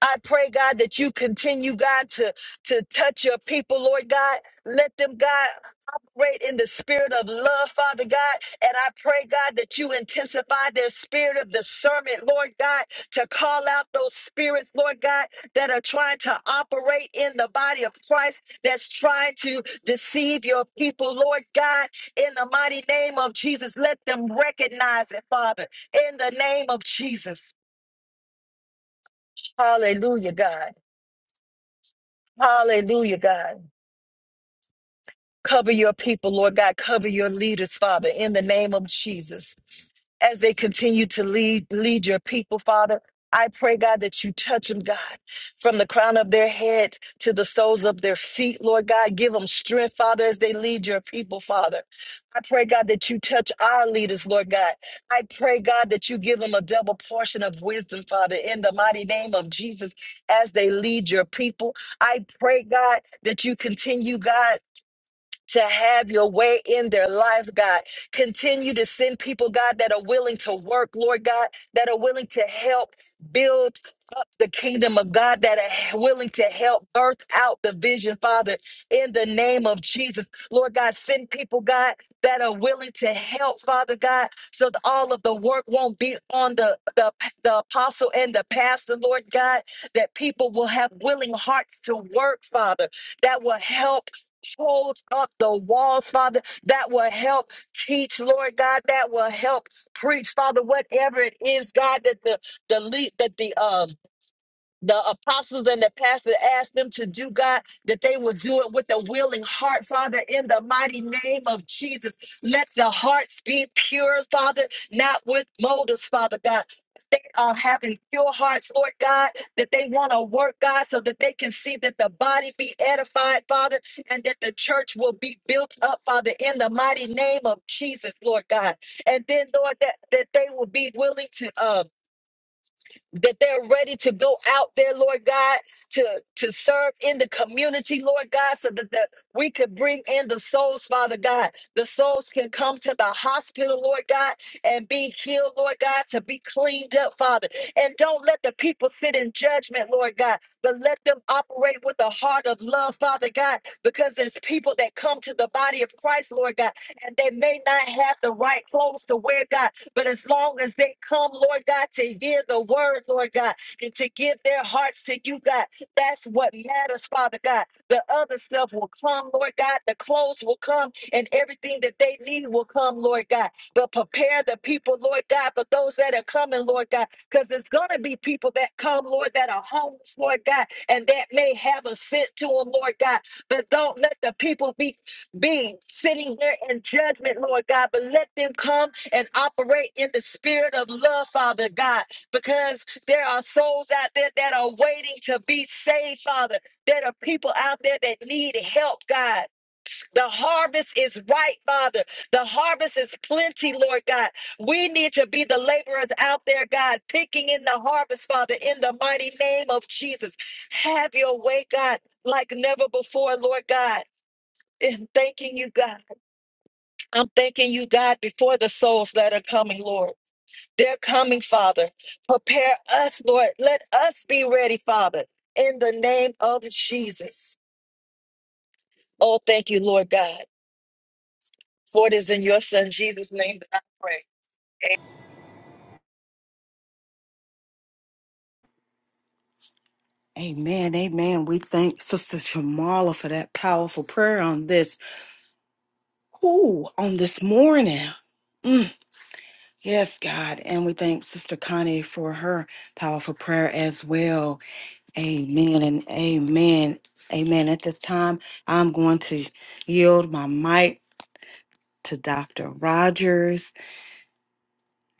[SPEAKER 1] I pray, God, that you continue, God, to, to touch your people, Lord God. Let them, God, operate in the spirit of love, Father God. And I pray, God, that you intensify their spirit of discernment, Lord God, to call out those spirits, Lord God, that are trying to operate in the body of Christ, that's trying to deceive your people, Lord God. In the mighty name of Jesus, let them recognize it, Father. In the name of Jesus. Hallelujah, God. Hallelujah, God. Cover your people, Lord God. Cover your leaders, Father, in the name of Jesus as they continue to lead lead your people, Father. I pray, God, that you touch them, God, from the crown of their head to the soles of their feet, Lord God. Give them strength, Father, as they lead your people, Father. I pray, God, that you touch our leaders, Lord God. I pray, God, that you give them a double portion of wisdom, Father, in the mighty name of Jesus, as they lead your people. I pray, God, that you continue, God to have your way in their lives, God. Continue to send people, God, that are willing to work, Lord God, that are willing to help build up the kingdom of God, that are willing to help birth out the vision, Father, in the name of Jesus. Lord God, send people, God, that are willing to help, Father God, so that all of the work won't be on the, the, the apostle and the pastor, Lord God, that people will have willing hearts to work, Father, that will help Hold up the walls, Father, that will help teach, Lord God, that will help preach, Father, whatever it is, God, that the the lead that the um the apostles and the pastor asked them to do, God, that they will do it with a willing heart, Father, in the mighty name of Jesus. Let the hearts be pure, Father, not with motives, Father God. They are having pure hearts, Lord God, that they want to work, God, so that they can see that the body be edified, Father, and that the church will be built up, Father, in the mighty name of Jesus, Lord God. And then, Lord, that, that they will be willing to um that they're ready to go out there, Lord God, to, to serve in the community, Lord God, so that, that we could bring in the souls, Father God. The souls can come to the hospital, Lord God, and be healed, Lord God, to be cleaned up, Father. And don't let the people sit in judgment, Lord God, but let them operate with a heart of love, Father God, because there's people that come to the body of Christ, Lord God and they may not have the right clothes to wear, God, but as long as they come, Lord God, to hear the word, Lord God, and to give their hearts to you, God, that's what matters, Father God. The other stuff will come, Lord God, the clothes will come, and everything that they need will come, Lord God. But prepare the people, Lord God, for those that are coming, Lord God, because it's going to be people that come, Lord, that are homeless, Lord God, and that may have a scent to them, Lord God. But don't let the people be be sitting there in judgment, Lord God, but let them come and operate in the spirit of love, Father God, because there are souls out there that are waiting to be saved, Father. There are people out there that need help, God. The harvest is ripe, Father. The harvest is plenty, Lord God. We need to be the laborers out there, God, picking in the harvest, Father, in the mighty name of Jesus. Have your way, God, like never before, Lord God. And thanking you, God. I'm thanking you, God, before the souls that are coming, Lord. They're coming, Father. Prepare us, Lord. Let us be ready, Father, in the name of Jesus. Oh, thank you, Lord God. For it is in your Son, Jesus' name, that I pray.
[SPEAKER 2] Amen, amen. We thank Sister Shamala for that powerful prayer on this, ooh, on this morning. Yes, God. And we thank Sister Connie for her powerful prayer as well. Amen and amen. Amen. At this time, I'm going to yield my mic to Dr. Rogers.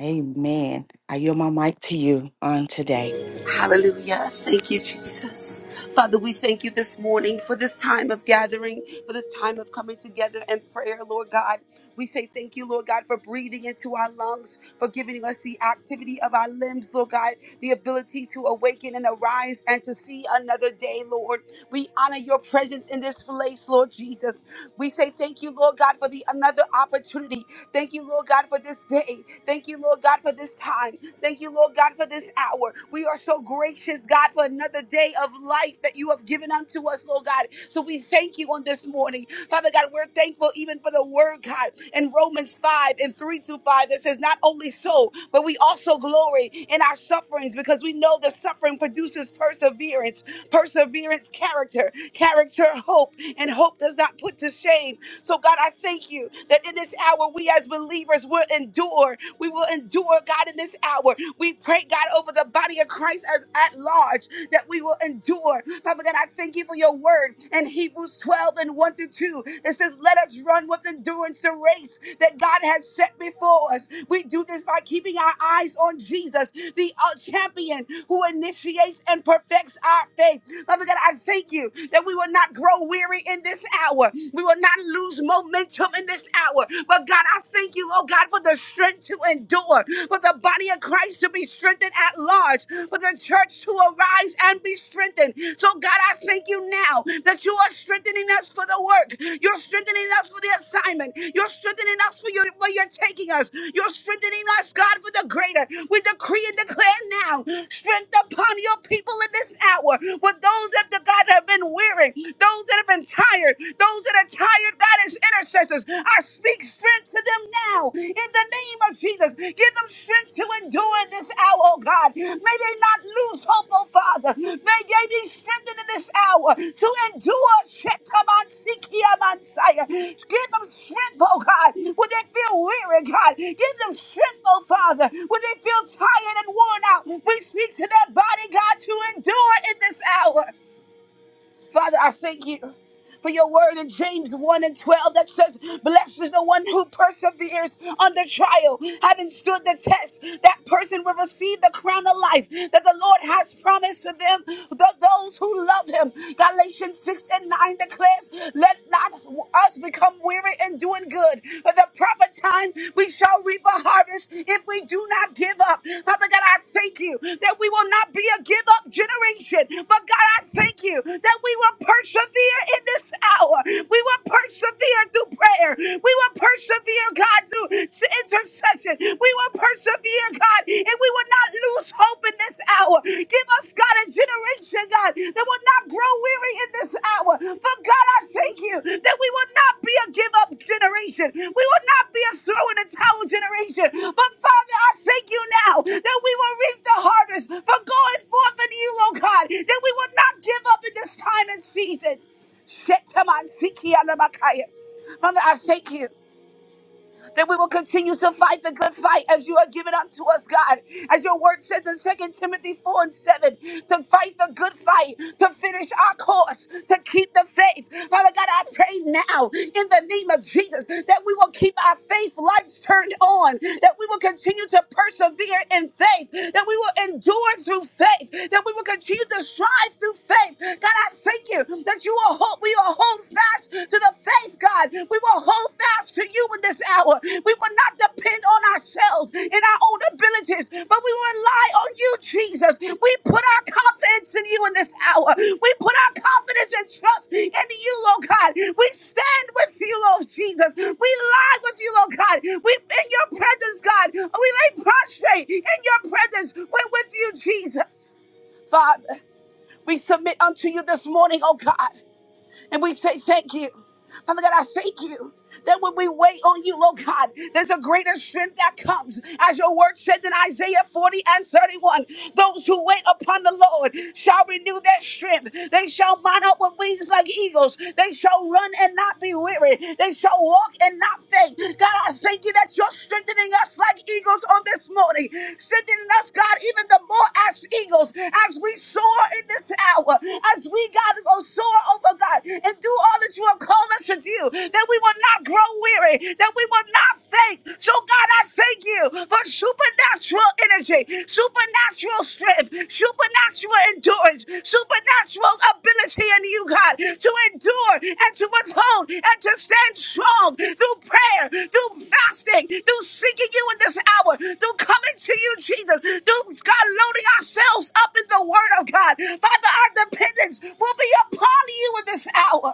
[SPEAKER 2] Amen. I yield my mic to you on today.
[SPEAKER 4] Hallelujah. Thank you, Jesus. Father, we thank you this morning for this time of gathering, for this time of coming together in prayer, Lord God. We say thank you, Lord God, for breathing into our lungs, for giving us the activity of our limbs, Lord God, the ability to awaken and arise and to see another day, Lord. We honor your presence in this place, Lord Jesus. We say thank you, Lord God, for the another opportunity. Thank you, Lord God, for this day. Thank you, Lord God, for this time. Thank you, Lord God, for this hour. We are so gracious, God, for another day of life that you have given unto us, Lord God. So we thank you on this morning. Father God, we're thankful even for the word, God, in Romans 5 and 3 through 5 that says, Not only so, but we also glory in our sufferings because we know the suffering produces perseverance, perseverance, character, character, hope, and hope does not put to shame. So, God, I thank you that in this hour, we as believers, we're endure. We will endure, God, in this hour. We pray, God, over the body of Christ as, at large that we will endure. Father God, I thank you for your word in Hebrews 12 and 1 through 2. It says, Let us run with endurance the race that God has set before us. We do this by keeping our eyes on Jesus, the uh, champion who initiates and perfects our faith. Father God, I thank you that we will not grow weary in this hour. We will not lose momentum momentum in this hour. But God, I thank you, oh God, for the strength to endure, for the body of Christ to be strengthened at large, for the church to arise and be strengthened. So, God, I thank you now that you are strengthening us for the work. You're strengthening us for the assignment. You're strengthening us for your, where you're taking us. You're strengthening us, God, for the greater. We decree and declare now strength upon your people in this hour. For those that, the God, have been weary, those that have been tired, those that are tired, God. Scottish intercessors. I speak strength to them now in the name of Jesus. Give them strength to endure in this hour, oh God. May they not lose hope, oh Father. May they be strengthened in this hour to endure. Shetamansikiamansaya. Give them strength, oh God, when they feel weary, God. Give them strength, oh Father, when they feel tired and worn out. We speak to their body, God, to endure in this hour. Father, I thank you for your word in James 1 and 12 that says, Blessed is the one who perseveres under trial, having stood the test. That person will receive the crown of life that the Lord has promised to them, th- those who love him. Galatians 6 and 9 declares, Let not us become weary in doing good, for the proper time we we shall reap a harvest if we do not give up. Father God, I thank you that we will not be a give up generation. But God, I thank you that we will persevere in this hour. We will persevere through prayer. We will persevere, God, through s- intercession. We will persevere, God, and we will not lose hope in this hour. Give us, God, a generation attention, God, that will not grow weary in this hour. For God, I thank you that we will not be a give up generation. We will not be a throw in the towel generation. But Father, I thank you now that we will reap the harvest for going forth in you, oh God, that we will not give up in this time and season. Shetaman Sikianamakaya. Father, I thank you that we will continue to fight the good fight as you have given unto us, God. As your word says in Second Timothy 4 and 7, to fight the good fight, to finish our course, to keep the faith. Father God, I pray now in the name of Jesus that we will keep our faith lights turned on, that we will continue to persevere in faith, that we will endure through faith, that we will continue to strive through faith. God, I thank you that you are hope will hold fast to the faith, God. We will hold fast to you in this hour. We will not depend on ourselves and our own abilities, but we will rely on you, Jesus. We put our confidence in you in this hour. We put our confidence and trust in you, Lord God. We stand with you, Lord Jesus. We lie with you, Lord God. We in your presence, God. We lay prostrate in your presence. We're with you, Jesus. Father, we submit unto you this morning, oh God. And we say thank you. Father God, I thank you that when we wait on you, Lord God, there's a greater strength that comes. As your word says in Isaiah 40 and 31, those who wait upon the Lord shall renew their strength. They shall mount up with wings like eagles. They shall run and not be weary. They shall walk and not faint. God, I thank you that that you're strengthening us like eagles on this morning. Strengthening us, God, even the more as eagles, as we soar in this hour, as we, God, go soar over God and do all that you have called us to do, that we will not grow weary, that we will not faint. So, God, I thank you for supernatural energy, supernatural strength, supernatural endurance, supernatural ability in you, God, to endure and to withhold and to stand strong through prayer, through fasting, through seeking you in this hour, through coming to you, Jesus, through God loading ourselves up in the word of God. Father, our dependence will be upon you in this hour.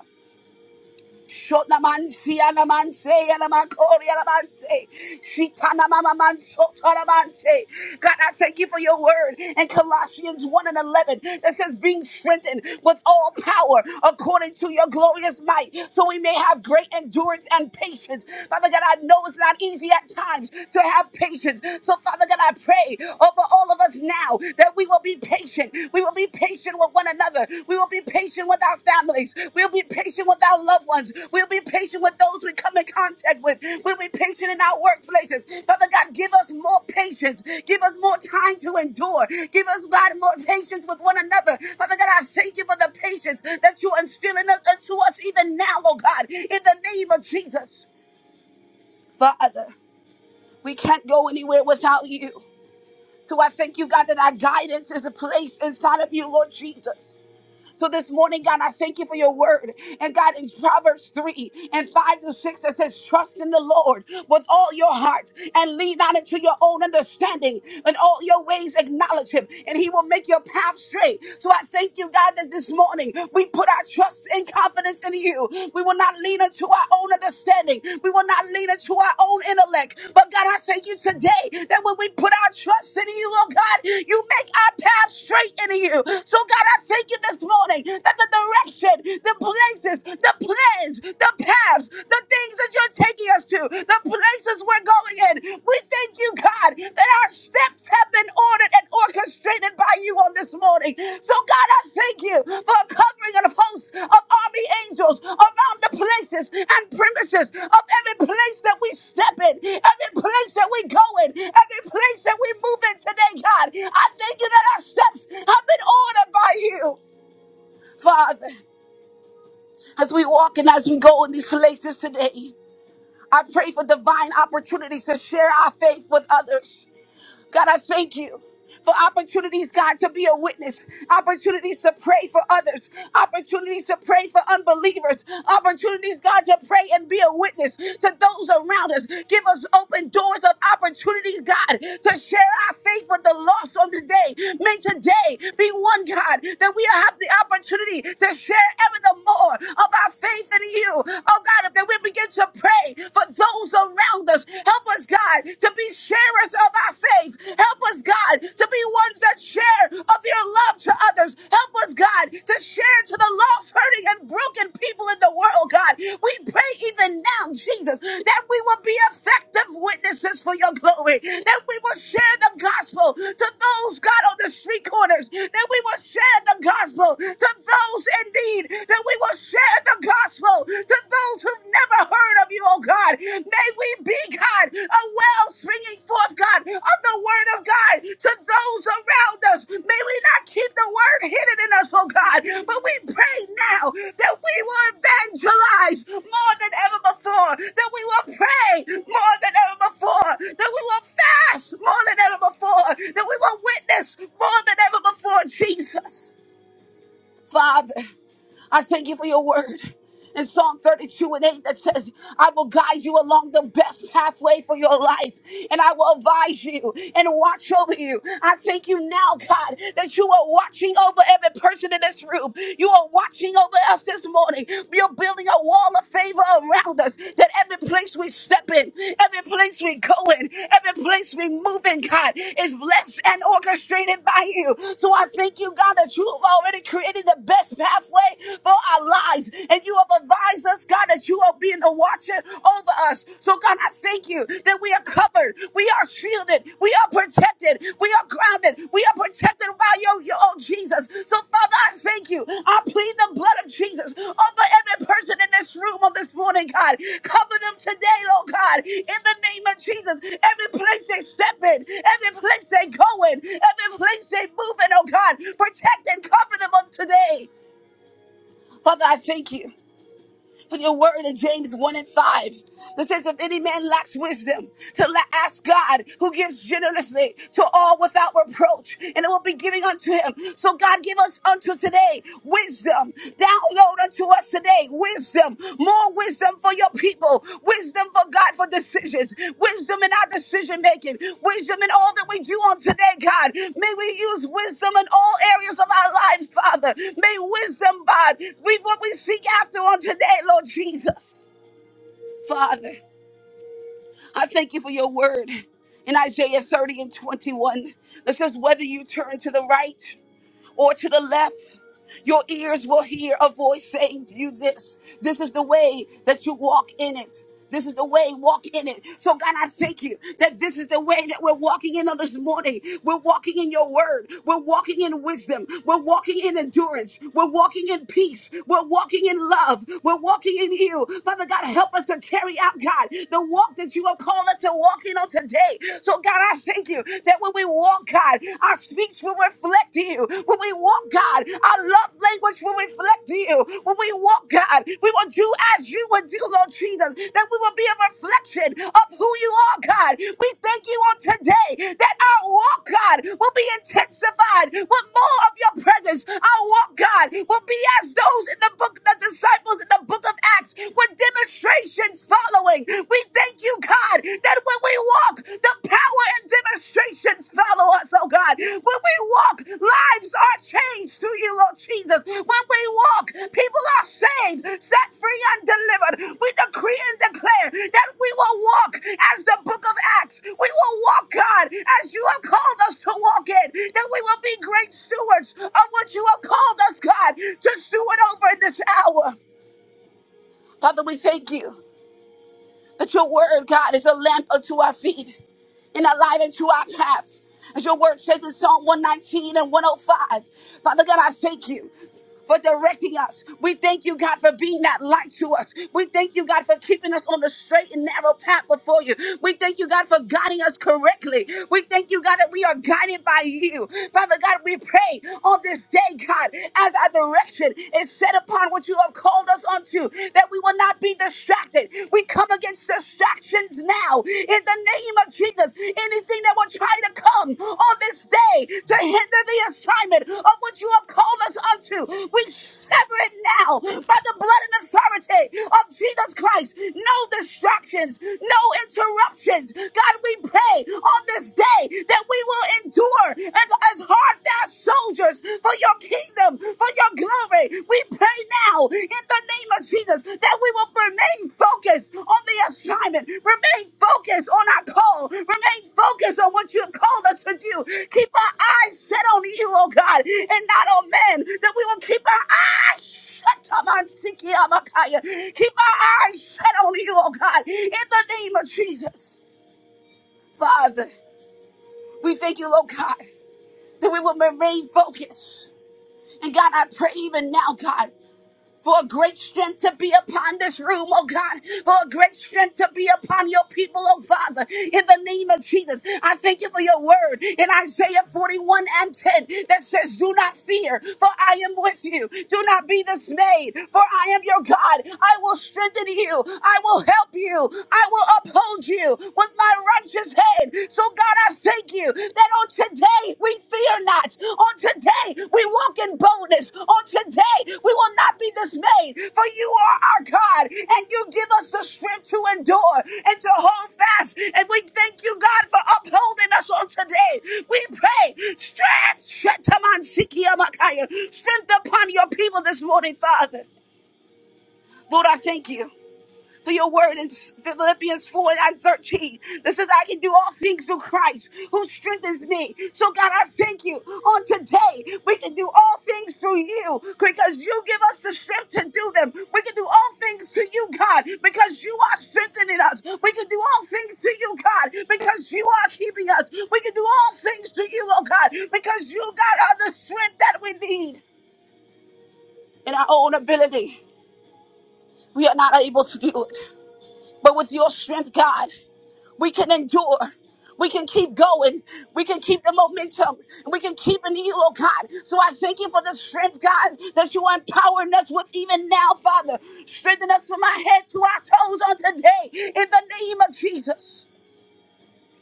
[SPEAKER 4] Shona man si ana man say ana man kori ana man se. Shitana mama man sotana man say. God, I thank you for your word in Colossians 1 and 11 that says being strengthened with all power according to your glorious might so we may have great endurance and patience. Father God, I know it's not easy at times to have patience. So Father God, I pray over all of us now that we will be patient. We will be patient with one another. We will be patient with our families. We'll be patient with our loved ones. We'll be patient with those we come in contact with. We'll be patient in our workplaces. Father God, give us more patience. Give us more time to endure. Give us, God, more patience with one another. Father God, I thank you for the patience that you instill in us, to us even now, oh God, in the name of Jesus. Father, we can't go anywhere without you. So I thank you, God, that our guidance is a place inside of you, Lord Jesus. So this morning, God, I thank you for your word. And God, in Proverbs 3 and 5 to 6, it says, Trust in the Lord with all your heart and lean not into your own understanding. In all your ways, acknowledge him, and he will make your path straight. So I thank you, God, that this morning we put our trust and confidence in you. We will not lean into our own understanding. We will not lean into our own intellect. But God, I thank you today that when we put our trust in you, oh God, you make our path straight in you. So God, I thank you this morning morning that the direction, the places, the plans, the paths, the things that you're taking us to, the places we're going in. We thank you, God, that our steps have been ordered and orchestrated by you on this morning. So, God, I thank you for a covering and a of army angels around the places and premises of every place that we step in, every place that we go in, every place that we move in today, God. I thank you that our steps have been ordered by you. Father, as we walk and as we go in these places today, I pray for divine opportunities to share our faith with others. God, I thank you for opportunities, God, to be a witness, opportunities to pray for others, opportunities to pray for unbelievers, opportunities, God, to pray and be a witness to those around us. Give us open doors of opportunities, God, to share our faith with the lost on today. May today be one, God, that we have the opportunity to share ever the more of our faith in you. Oh, God, that we begin to pray for those those around us. Help us, God, to be sharers of our faith. Help us, God, to be ones that share of your love to others. Help us, God, to share to the lost, hurting, and broken people in the world, God. We pray even now, Jesus, that we will be effective witnesses for your glory, that we will share the gospel to those, God, on the street corners, that we will share the gospel to those in need, that we will share the gospel to those who've never heard of you, oh God. May we be, God, a well springing forth, God, of the word of God to those around us. May we not keep the word hidden in us, oh God, but we pray now that we will evangelize more than ever before, that we will pray more than ever before, that we will fast more than ever before, that we will witness more than ever before, Jesus. Father. I thank you for your word. In Psalm 32 and 8, that says, I will guide you along the best pathway for your life, and I will advise you and watch over you. I thank you now, God, that you are watching over every person in this room. You are watching over us this morning. You're building a wall of favor around us that every place we step in, every place we go in, every place we move in, God, is blessed and orchestrated by you. So I thank you, God, that you have already created the best path pray for our lives. And you have advised us, God, that you are being a watcher over us. So, God, I thank you that we are covered. We are shielded. We are protected. We are grounded. We are protected by your, your own Jesus. So, Father, I thank you. I plead the blood of Jesus over every person in this room on this morning, God. Cover them today, Lord God, in the name of Jesus. Every place they step in, every place they go in, every place they move in, oh God, protect and cover them on today. Father, I thank you for your word in James 1 and 5 that says, If any man lacks wisdom, to la- ask God, who gives generously to all without reproach, and it will be giving unto him. So, God, give us unto today wisdom. Download unto us today wisdom, more Wisdom for your people, wisdom for God for decisions, wisdom in our decision making, wisdom in all that we do on today, God. May we use wisdom in all areas of our lives, Father. May wisdom, God, be what we seek after on today, Lord Jesus. Father, I thank you for your word in Isaiah 30 and 21 that says, Whether you turn to the right or to the left, your ears will hear a voice saying to you this. This is the way that you walk in it. This is the way, walk in it. So, God, I thank you that this is the way that we're walking in on this morning. We're walking in your word. We're walking in wisdom. We're walking in endurance. We're walking in peace. We're walking in love. We're walking in you. Father God, help us to carry out, God, the walk that you have called us to walk in on today. So, God, I thank you you. That when we walk, God, our speech will reflect you. When we walk, God, our love language will reflect you. When we walk, God, we will do as you would do, Lord Jesus. That we will be a reflection of who you are, God. We thank you on today that our walk, God, will be intensified with more of your presence. Our walk, God, will be as those in the book, the disciples in the book of acts with demonstrations following. We thank you, God, that when we walk, the power and demonstrations follow us, oh God. When we walk, lives are changed to you, Lord Jesus. When we walk, people are saved, set free, and delivered. We decree and declare that we will walk as the book of Acts. We will walk, God, as you have called us to walk in. That we will be great stewards of what you have called us, God, to steward over in this hour. Father, we thank you that your word, God, is a lamp unto our feet and a light unto our path. As your word says in Psalm 119 and 105. Father God, I thank you for directing us. We thank you, God, for being that light to us. We thank you, God, for keeping us on the straight and narrow path before you. We thank you, God, for guiding us correctly. We thank you, God, that we are guided by you. Father God, we pray on this day, God, as our direction is set upon what you have called us unto, that we will not be distracted. We come against distractions now in the name of Jesus. Anything that will try to come on this day to hinder the assignment of what you have called us unto, we sever it now by the blood and authority of Jesus Christ. No distractions, no interruptions. God, we pray on this day that we will endure as, as hard fast soldiers for your kingdom, for your glory. We pray now in the name of Jesus that we will remain focused on the assignment, remain focused on our call, remain focused on what you have called us to do. Keep our eyes set on you, oh God, and not on men, that we will keep our eyes Shut up, I'm sick Keep our eyes set on you, oh God, in the name of Jesus. Father, we thank you, oh God, that we will remain focused. And God, I pray even now, God, for a great strength to be upon this room, oh God, for a great strength to be upon your people, oh Father, in the name of Jesus. I thank you for your word in Isaiah 41 and 10 that says, Do not fear, for I am with you. Do not be dismayed, for I am your God. I will strengthen you, I will help you, I will uphold you with my righteous hand. So, God, God, I thank you that on today we fear not. On today we walk in boldness. On today we will not be dismayed, for you are our God, and you give us the strength to endure and to hold fast. And we thank you, God, for upholding us on today. We pray strength, Shetaman strength upon your people this morning, Father. Lord, I thank you for your word in Philippians 4 and 13 that says, I can do all things through Christ who strengthens me. So, God, I thank you on today. We can do all things through you because you give us the strength to do them. We can do all things through you, God, because you are strengthening us. We can do all things to you, God, because you are keeping us. We can do all things to you, oh God, because you, God, are the strength that we need in our own ability. We are not able to do it. But with your strength, God. We can endure. We can keep going. We can keep the momentum. And we can keep in you, oh God. So I thank you for the strength, God, that you are empowering us with even now, Father. Strengthen us from our head to our toes on today in the name of Jesus.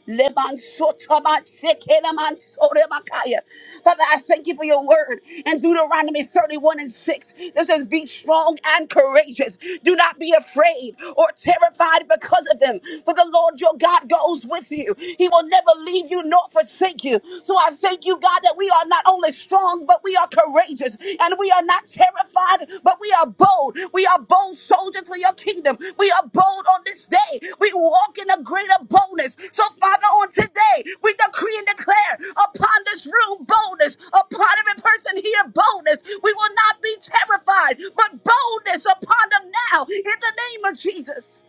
[SPEAKER 4] Leban sotaba sekelaman sorebakaya. Father, I thank you for your word in Deuteronomy 31 and 6. This says, Be strong and courageous. Do not be afraid or terrified because of them, for the Lord your God goes with you. He will never leave you nor forsake you. So I thank you, God, that we are not only strong, but we are courageous courageous and we are not terrified, but we are bold. We are bold soldiers for your kingdom. We are bold on this day. We walk in a greater boldness. So, Father, on today, we decree and declare upon this room boldness, upon every person here boldness. We will not be terrified, but boldness upon them now in the name of Jesus.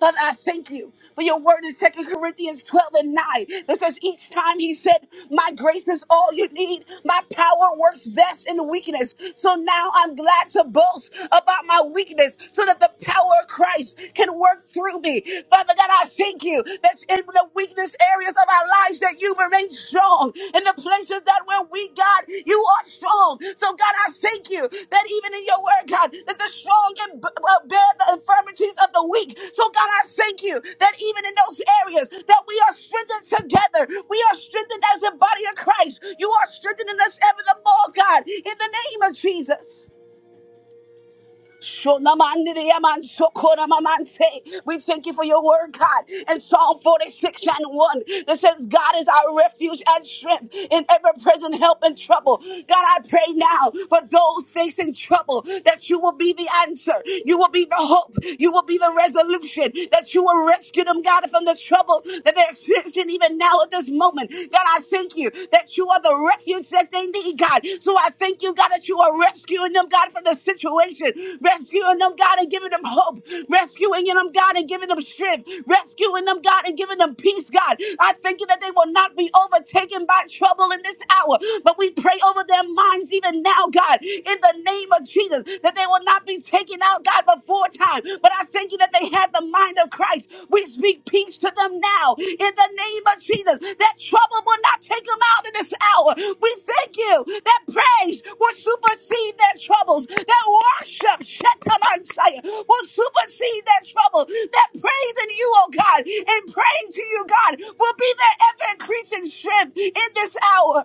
[SPEAKER 4] Father, I thank you for your word in Second Corinthians 12 and 9 that says, Each time he said, My grace is all you need. My power works best in weakness. So now I'm glad to boast about my weakness so that the power of Christ can work through me. Father God, I thank you that in the weakness areas of our lives that you remain strong strong in the places that where we, God, you are strong. So, God, I thank you that even in your word, God, that the strong can b- uh, bear the infirmities of the weak. So, God, I thank you that even in those areas that we are strengthened together, we are strengthened as the body of Christ. You are strengthening us ever the more, God, in the name of Jesus. Shonamandiriyamansokoramamante. We thank you for your word, God. In Psalm 46 and 1, that says, God is our refuge and strength in ever present help in trouble. God, I pray now for those facing trouble that you will be the answer. You will be the hope. You will be the resolution. That you will rescue them, God, from the trouble that they're experiencing even now at this moment. God, I thank you that you are the refuge that they need, God. So I thank you, God, that you are rescuing them, God, from the situation, rescuing them, God, and giving them hope, rescuing them, God, and giving them strength, rescuing them, God, and giving them peace, God. I thank you that they will not be overtaken by trouble in this hour, but we pray over their minds even now, God, in the name of Jesus, that they will not be taken out, God, before time time. But I thank you that they had the mind of Christ. We speak peace to them now in the name of Jesus. That trouble will not take them out in this hour. We thank you that praise will supersede their troubles. That worship, Shetamansaya, will supersede their trouble. That praise in you, oh God, and praying to you, God, will be their ever increasing strength in this hour.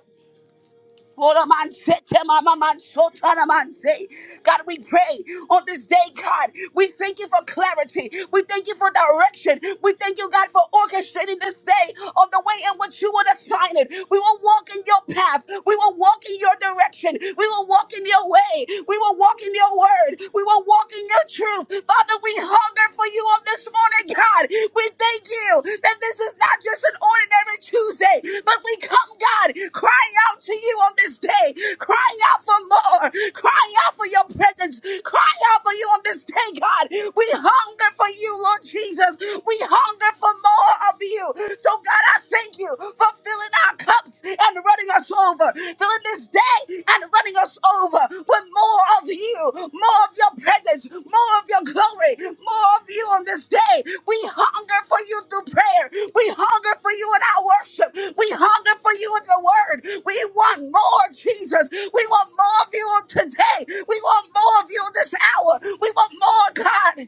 [SPEAKER 4] Hold on, man. Set him, ah, man, man, so turn him, man, say. God, we pray on this day, God. We thank you for clarity. We thank you for direction. We thank you, God, for orchestrating this day of the way in which you would assign it. We will walk in your path. We will walk in your direction. We will walk in your way. We will walk in your word. We will walk in your truth. Father, we hunger for you on this morning, God. We thank you that this is not just an ordinary Tuesday, but we come, God, crying out to you on this day, crying out for more, crying out for your presence, crying out for you on this day, God. We hunger for you, Lord Jesus. We hunger for more of you. So, God, I thank you for filling our cups and running us over, filling this day and running us over with more of you, more of your presence, more of your glory, more of you on this day. We hunger for you through prayer. We hunger for you in our worship. We hunger for you in the word. We want more, Jesus. We want more of you on today. We want more of you in this hour. We want more, God.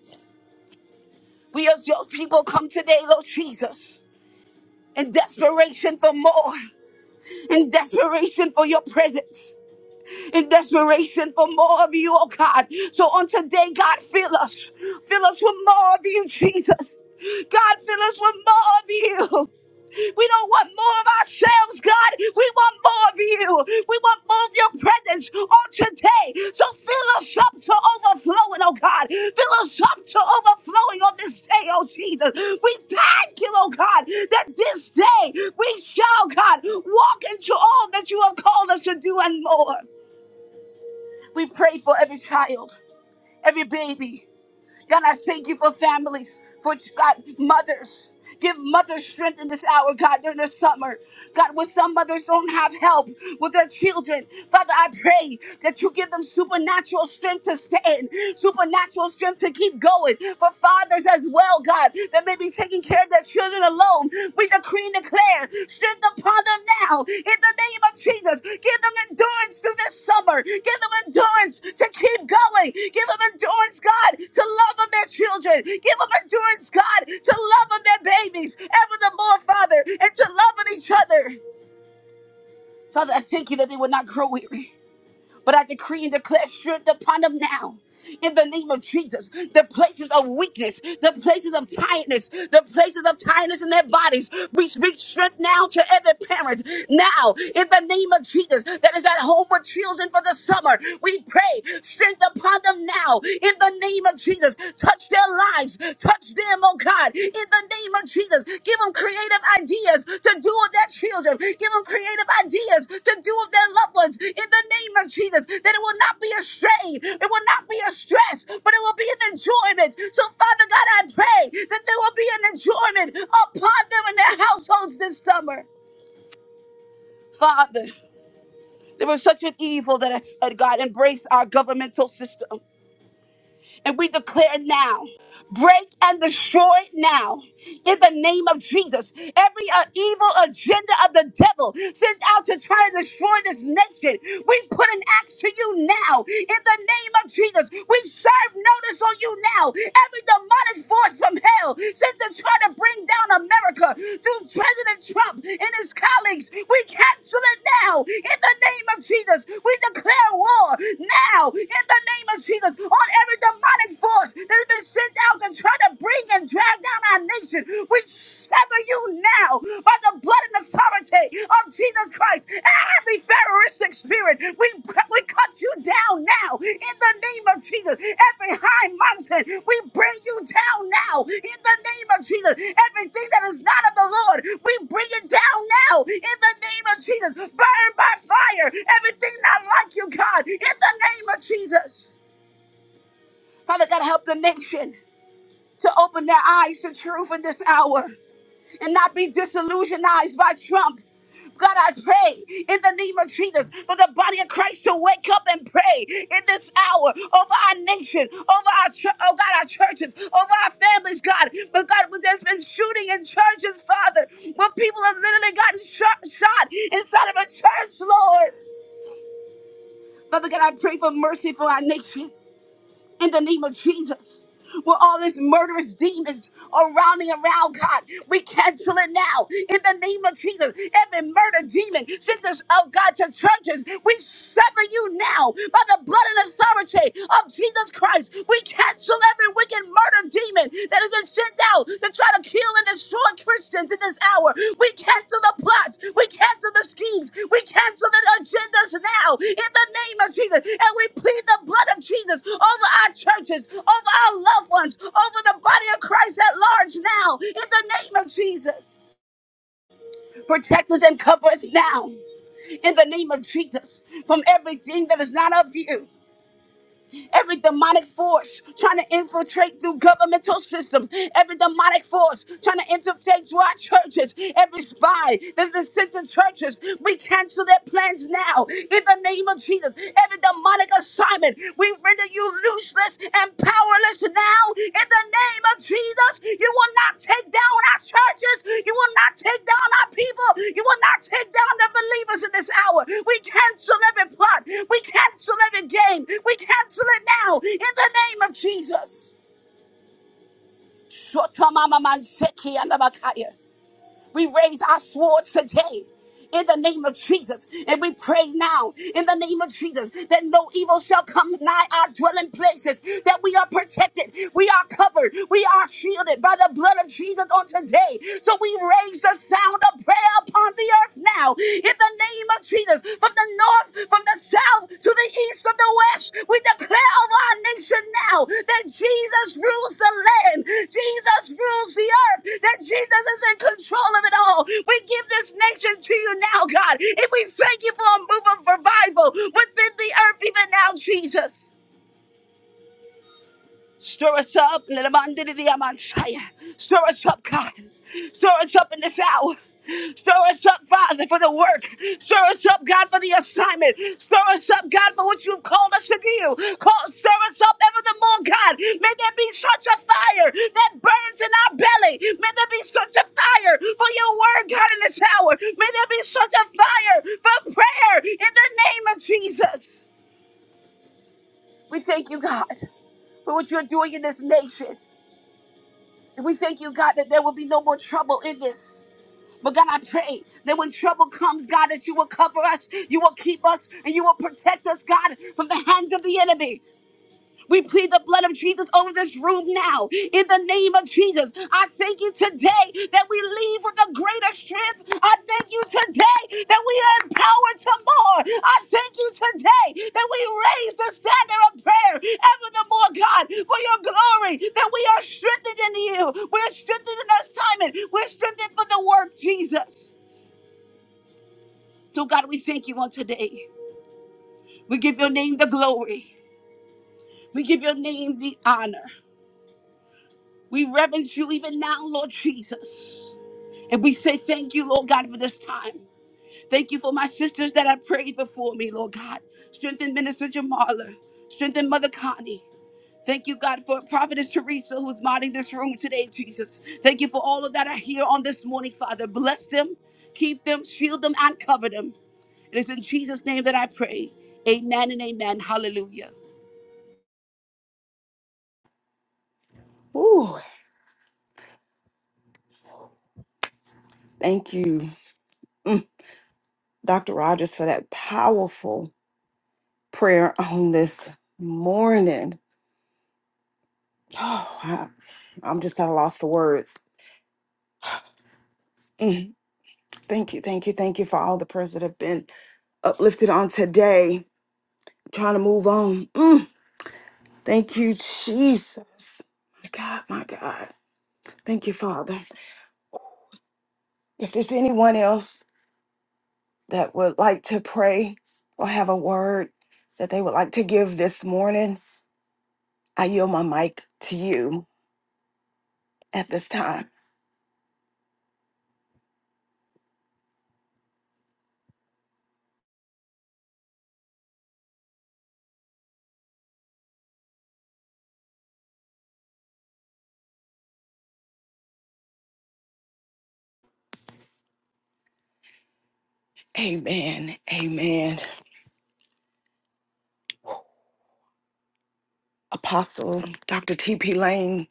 [SPEAKER 4] We as your people come today, Lord Jesus, in desperation for more, in desperation for your presence in desperation for more of you, oh God. So on today, God, fill us. Fill us with more of you, Jesus. God, fill us with more of you. We don't want more of ourselves, God. We want more of you. We want more of your presence on today. So fill us up to overflowing, oh God. Fill us up to overflowing on this day, oh Jesus. We thank you, oh God, that this day we shall, God, walk into all that you have called us to do and more. We pray for every child, every baby. God, I thank you for families, for God, mothers. Give mothers strength in this hour, God, during the summer. God, when some mothers don't have help with their children, Father, I pray that you give them supernatural strength to stand, supernatural strength to keep going. For fathers as well, God, that may be taking care of their the children alone. We decree and declare strength upon them now in the name of Jesus. Give them endurance through this summer. Give them endurance to keep going. Give them endurance, God, to love on their children. Give them endurance, God, to love on their babies ever the more, Father, and to love on each other. Father, I thank you that they will not grow weary. But I decree and declare strength upon them now. In the name of Jesus, the places of weakness, the places of tiredness, the places of tiredness in their bodies, we speak strength now to every parent. Now, in the name of Jesus, that is at home with children for the summer, we pray strength upon them now. In the name of Jesus, touch their lives lives. Touch them, oh God, in the name of Jesus. Give them creative ideas to do with their children. Give them creative ideas to do with their loved ones in the name of Jesus. That it will not be a strain, it will not be a stress, but it will be an enjoyment. So, Father God, I pray that there will be an enjoyment upon them and their households this summer. Father, there was such an evil that has, uh, God embraced our governmental system. And we declare now. break and destroy it now in the name of Jesus. Every uh, evil agenda of the devil sent out to try to destroy this nation, we put an axe to you now in the name of Jesus. We serve notice on you now. Every demonic force from hell sent to try to bring down America through President Trump and his colleagues, we cancel it now in the name of Jesus. We declare war now in the name of Jesus on every demonic demonic force that has been sent out to try to bring and drag down our nation. We sever you now by the blood and authority of Jesus Christ. Every terroristic spirit, we, we cut you down now in the name of Jesus. Every high mountain, we bring you down now in the name of Jesus. Everything that is not of the Lord, we bring it down now in the name of Jesus. Burn by fire everything not like you, God, in the name of Jesus. Father God, help the nation to open their eyes to truth in this hour and not be disillusionized by Trump. God, I pray in the name of Jesus for the body of Christ to wake up and pray in this hour over our nation, over our church, oh God, our churches, over our families, God. But God, when there's been shooting in churches, Father, where people have literally gotten shot, shot inside of a church, Lord. Father God, I pray for mercy for our nation in the name of Jesus. Where all these murderous demons are rounding around, God, we cancel it now in the name of Jesus. Every murder demon sent us out, God, to churches. We sever you now by the blood and authority of Jesus Christ. We cancel every wicked murder demon that is been sent out to try to kill and destroy Christians in this hour. We cancel the plots. We cancel the schemes. We cancel the agendas now in the name of Jesus. And we plead the blood of Jesus over our churches, over our loved ones, over the body of Christ at large now in the name of Jesus. Protect us and cover us now in the name of Jesus from everything that is not of you. Every demonic force trying to infiltrate through governmental systems. Every demonic force trying to infiltrate through our churches. Every spy that's been sent to churches. We cancel their plans now in the name of Jesus. Every demonic assignment, we render you useless and powerless now in the name of Jesus. You will not take down our churches. You will not take down our people. You will not take down the believers in this hour. We cancel every plot. We cancel every game. We cancel it now in the name of Jesus. Shotamamamanseki andabakaya. We raise our swords today in the name of Jesus. And we pray now in the name of Jesus that no evil shall come nigh our dwelling places, that we are protected, we are covered, we are shielded by the blood of Jesus on today. So we raise the sound of prayer upon the earth now in the name of Jesus. From the north, from the south, to the east, from the west, we declare over our declaration now that Jesus rules the land, Jesus rules the earth, that Jesus is in control of it all. We give this nation to you now, God, and we thank you for a move of revival within the earth even now, Jesus. Stir us up, Lelabandidiyamansaya. stir us up, God. Stir us up in this hour. Stir us up, Father, for the work. Stir us up, God, for the assignment. Stir us up, God, for what you've called us to do. Call, stir us up ever the more, God. May there be such a fire that burns in our belly. May there be such a fire for your word, God, in this hour. May there be such a fire for prayer in the name of Jesus. We thank you, God for what you're doing in this nation. And we thank you, God, that there will be no more trouble in this. But God, I pray that when trouble comes, God, that you will cover us, you will keep us, and you will protect us, God, from the hands of the enemy. We plead the blood of Jesus over this room now. In the name of Jesus, I thank you today that we leave with a greater strength. I thank you today that we are empowered to more. I thank you today that we raise the standard of prayer ever the more, God, for your glory, that we are strengthened in you. We're strengthened in assignment. We're strengthened for the work, Jesus. So, God, we thank you on today. We give your name the glory. We give your name the honor. We reverence you even now, Lord Jesus. And we say thank you, Lord God, for this time. Thank you for my sisters that have prayed before me, Lord God. Strengthen Minister Jamala. Strengthen Mother Connie. Thank you, God, for Prophetess Teresa who's modding this room today, Jesus. Thank you for all of that are here on this morning, Father. Bless them, keep them, shield them, and cover them. It is in Jesus' name that I pray. Amen and amen. Hallelujah.
[SPEAKER 2] Ooh. Thank you, mm, Dr. Rogers, for that powerful prayer on this morning. Oh, I, I'm just at a loss for words. Mm, Thank you, thank you, thank you for all the prayers that have been uplifted on today. trying to move on. Mm, Thank you, Jesus. My God, my God. Thank you, Father. If there's anyone else that would like to pray or have a word that they would like to give this morning, I yield my mic to you at this time. Amen. Amen. Apostle Dr. T.P. Lane,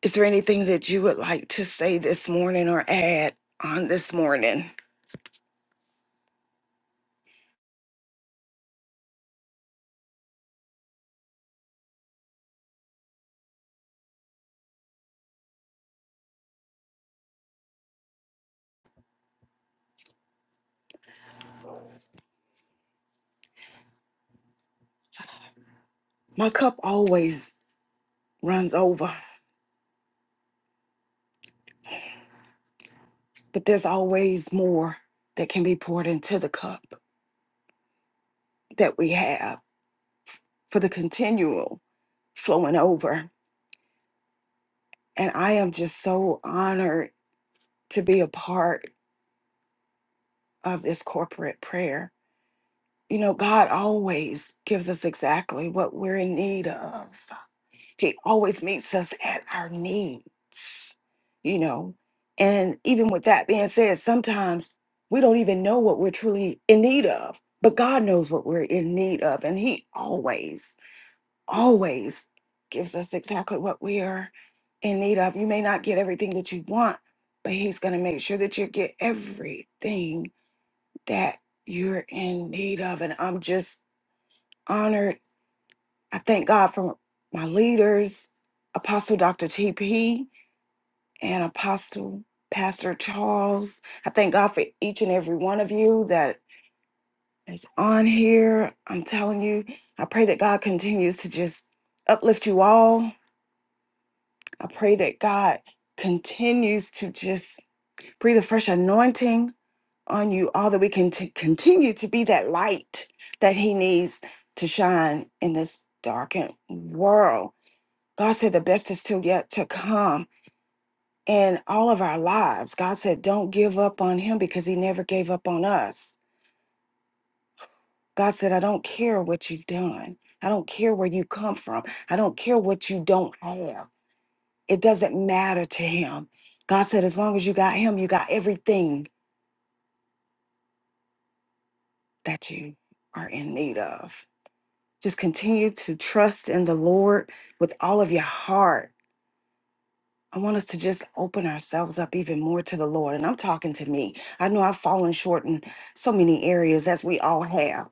[SPEAKER 2] is there anything that you would like to say this morning or add on this morning? My cup always runs over, but there's always more that can be poured into the cup that we have for the continual flowing over. And I am just so honored to be a part of this corporate prayer. You know, God always gives us exactly what we're in need of He always meets us at our needs, you know. And even with that being said, sometimes we don't even know what we're truly in need of, but God knows what we're in need of. And He always, always gives us exactly what we are in need of. You may not get everything that you want, but He's going to make sure that you get everything that you're in need of. And I'm just honored I thank God for my leaders, Apostle Dr. TP and Apostle Pastor Charles. I thank God for each and every one of you that is on here. I'm telling you, I pray that God continues to just uplift you all. I pray that God continues to just breathe a fresh anointing on you all that we can t- continue to be that light that he needs to shine in this darkened world. God said the best is still yet to come in all of our lives. God said, don't give up on him because he never gave up on us. God said, I don't care what you've done. I don't care where you come from. I don't care what you don't have. It doesn't matter to him. God said, as long as you got him, you got everything that you are in need of. Just continue to trust in the Lord with all of your heart I want us to just open ourselves up even more to the Lord. And I'm talking to me. I know I've fallen short in so many areas, as we all have,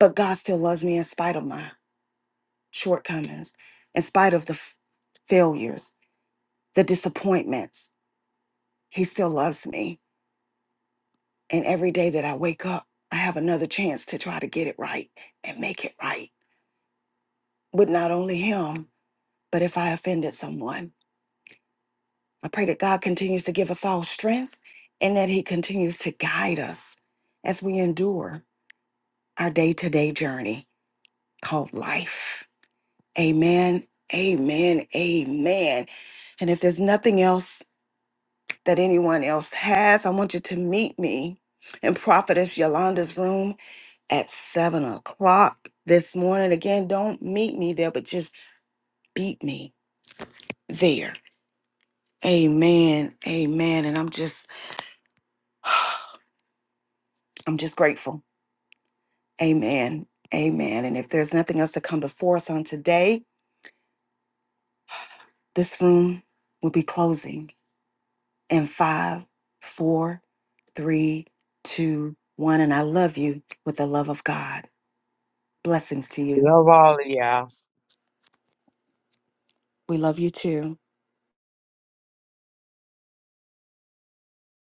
[SPEAKER 2] but God still loves me in spite of my shortcomings, in spite of the f- failures, the disappointments. He still loves me. And every day that I wake up, I have another chance to try to get it right and make it right with not only Him, but if I offended someone. I pray that God continues to give us all strength and that He continues to guide us as we endure our day to day journey called life. Amen, amen, amen. And if there's nothing else that anyone else has, I want you to meet me in Prophetess Yolanda's room at seven o'clock this morning. Again, don't meet me there, but just beat me there. Amen, amen. And I'm just, I'm just grateful. Amen. Amen. And if there's nothing else to come before us on today, this room will be closing in five, four, three, two, one. And I love you with the love of God. Blessings to you.
[SPEAKER 3] Love all of y'all.
[SPEAKER 2] We love you too.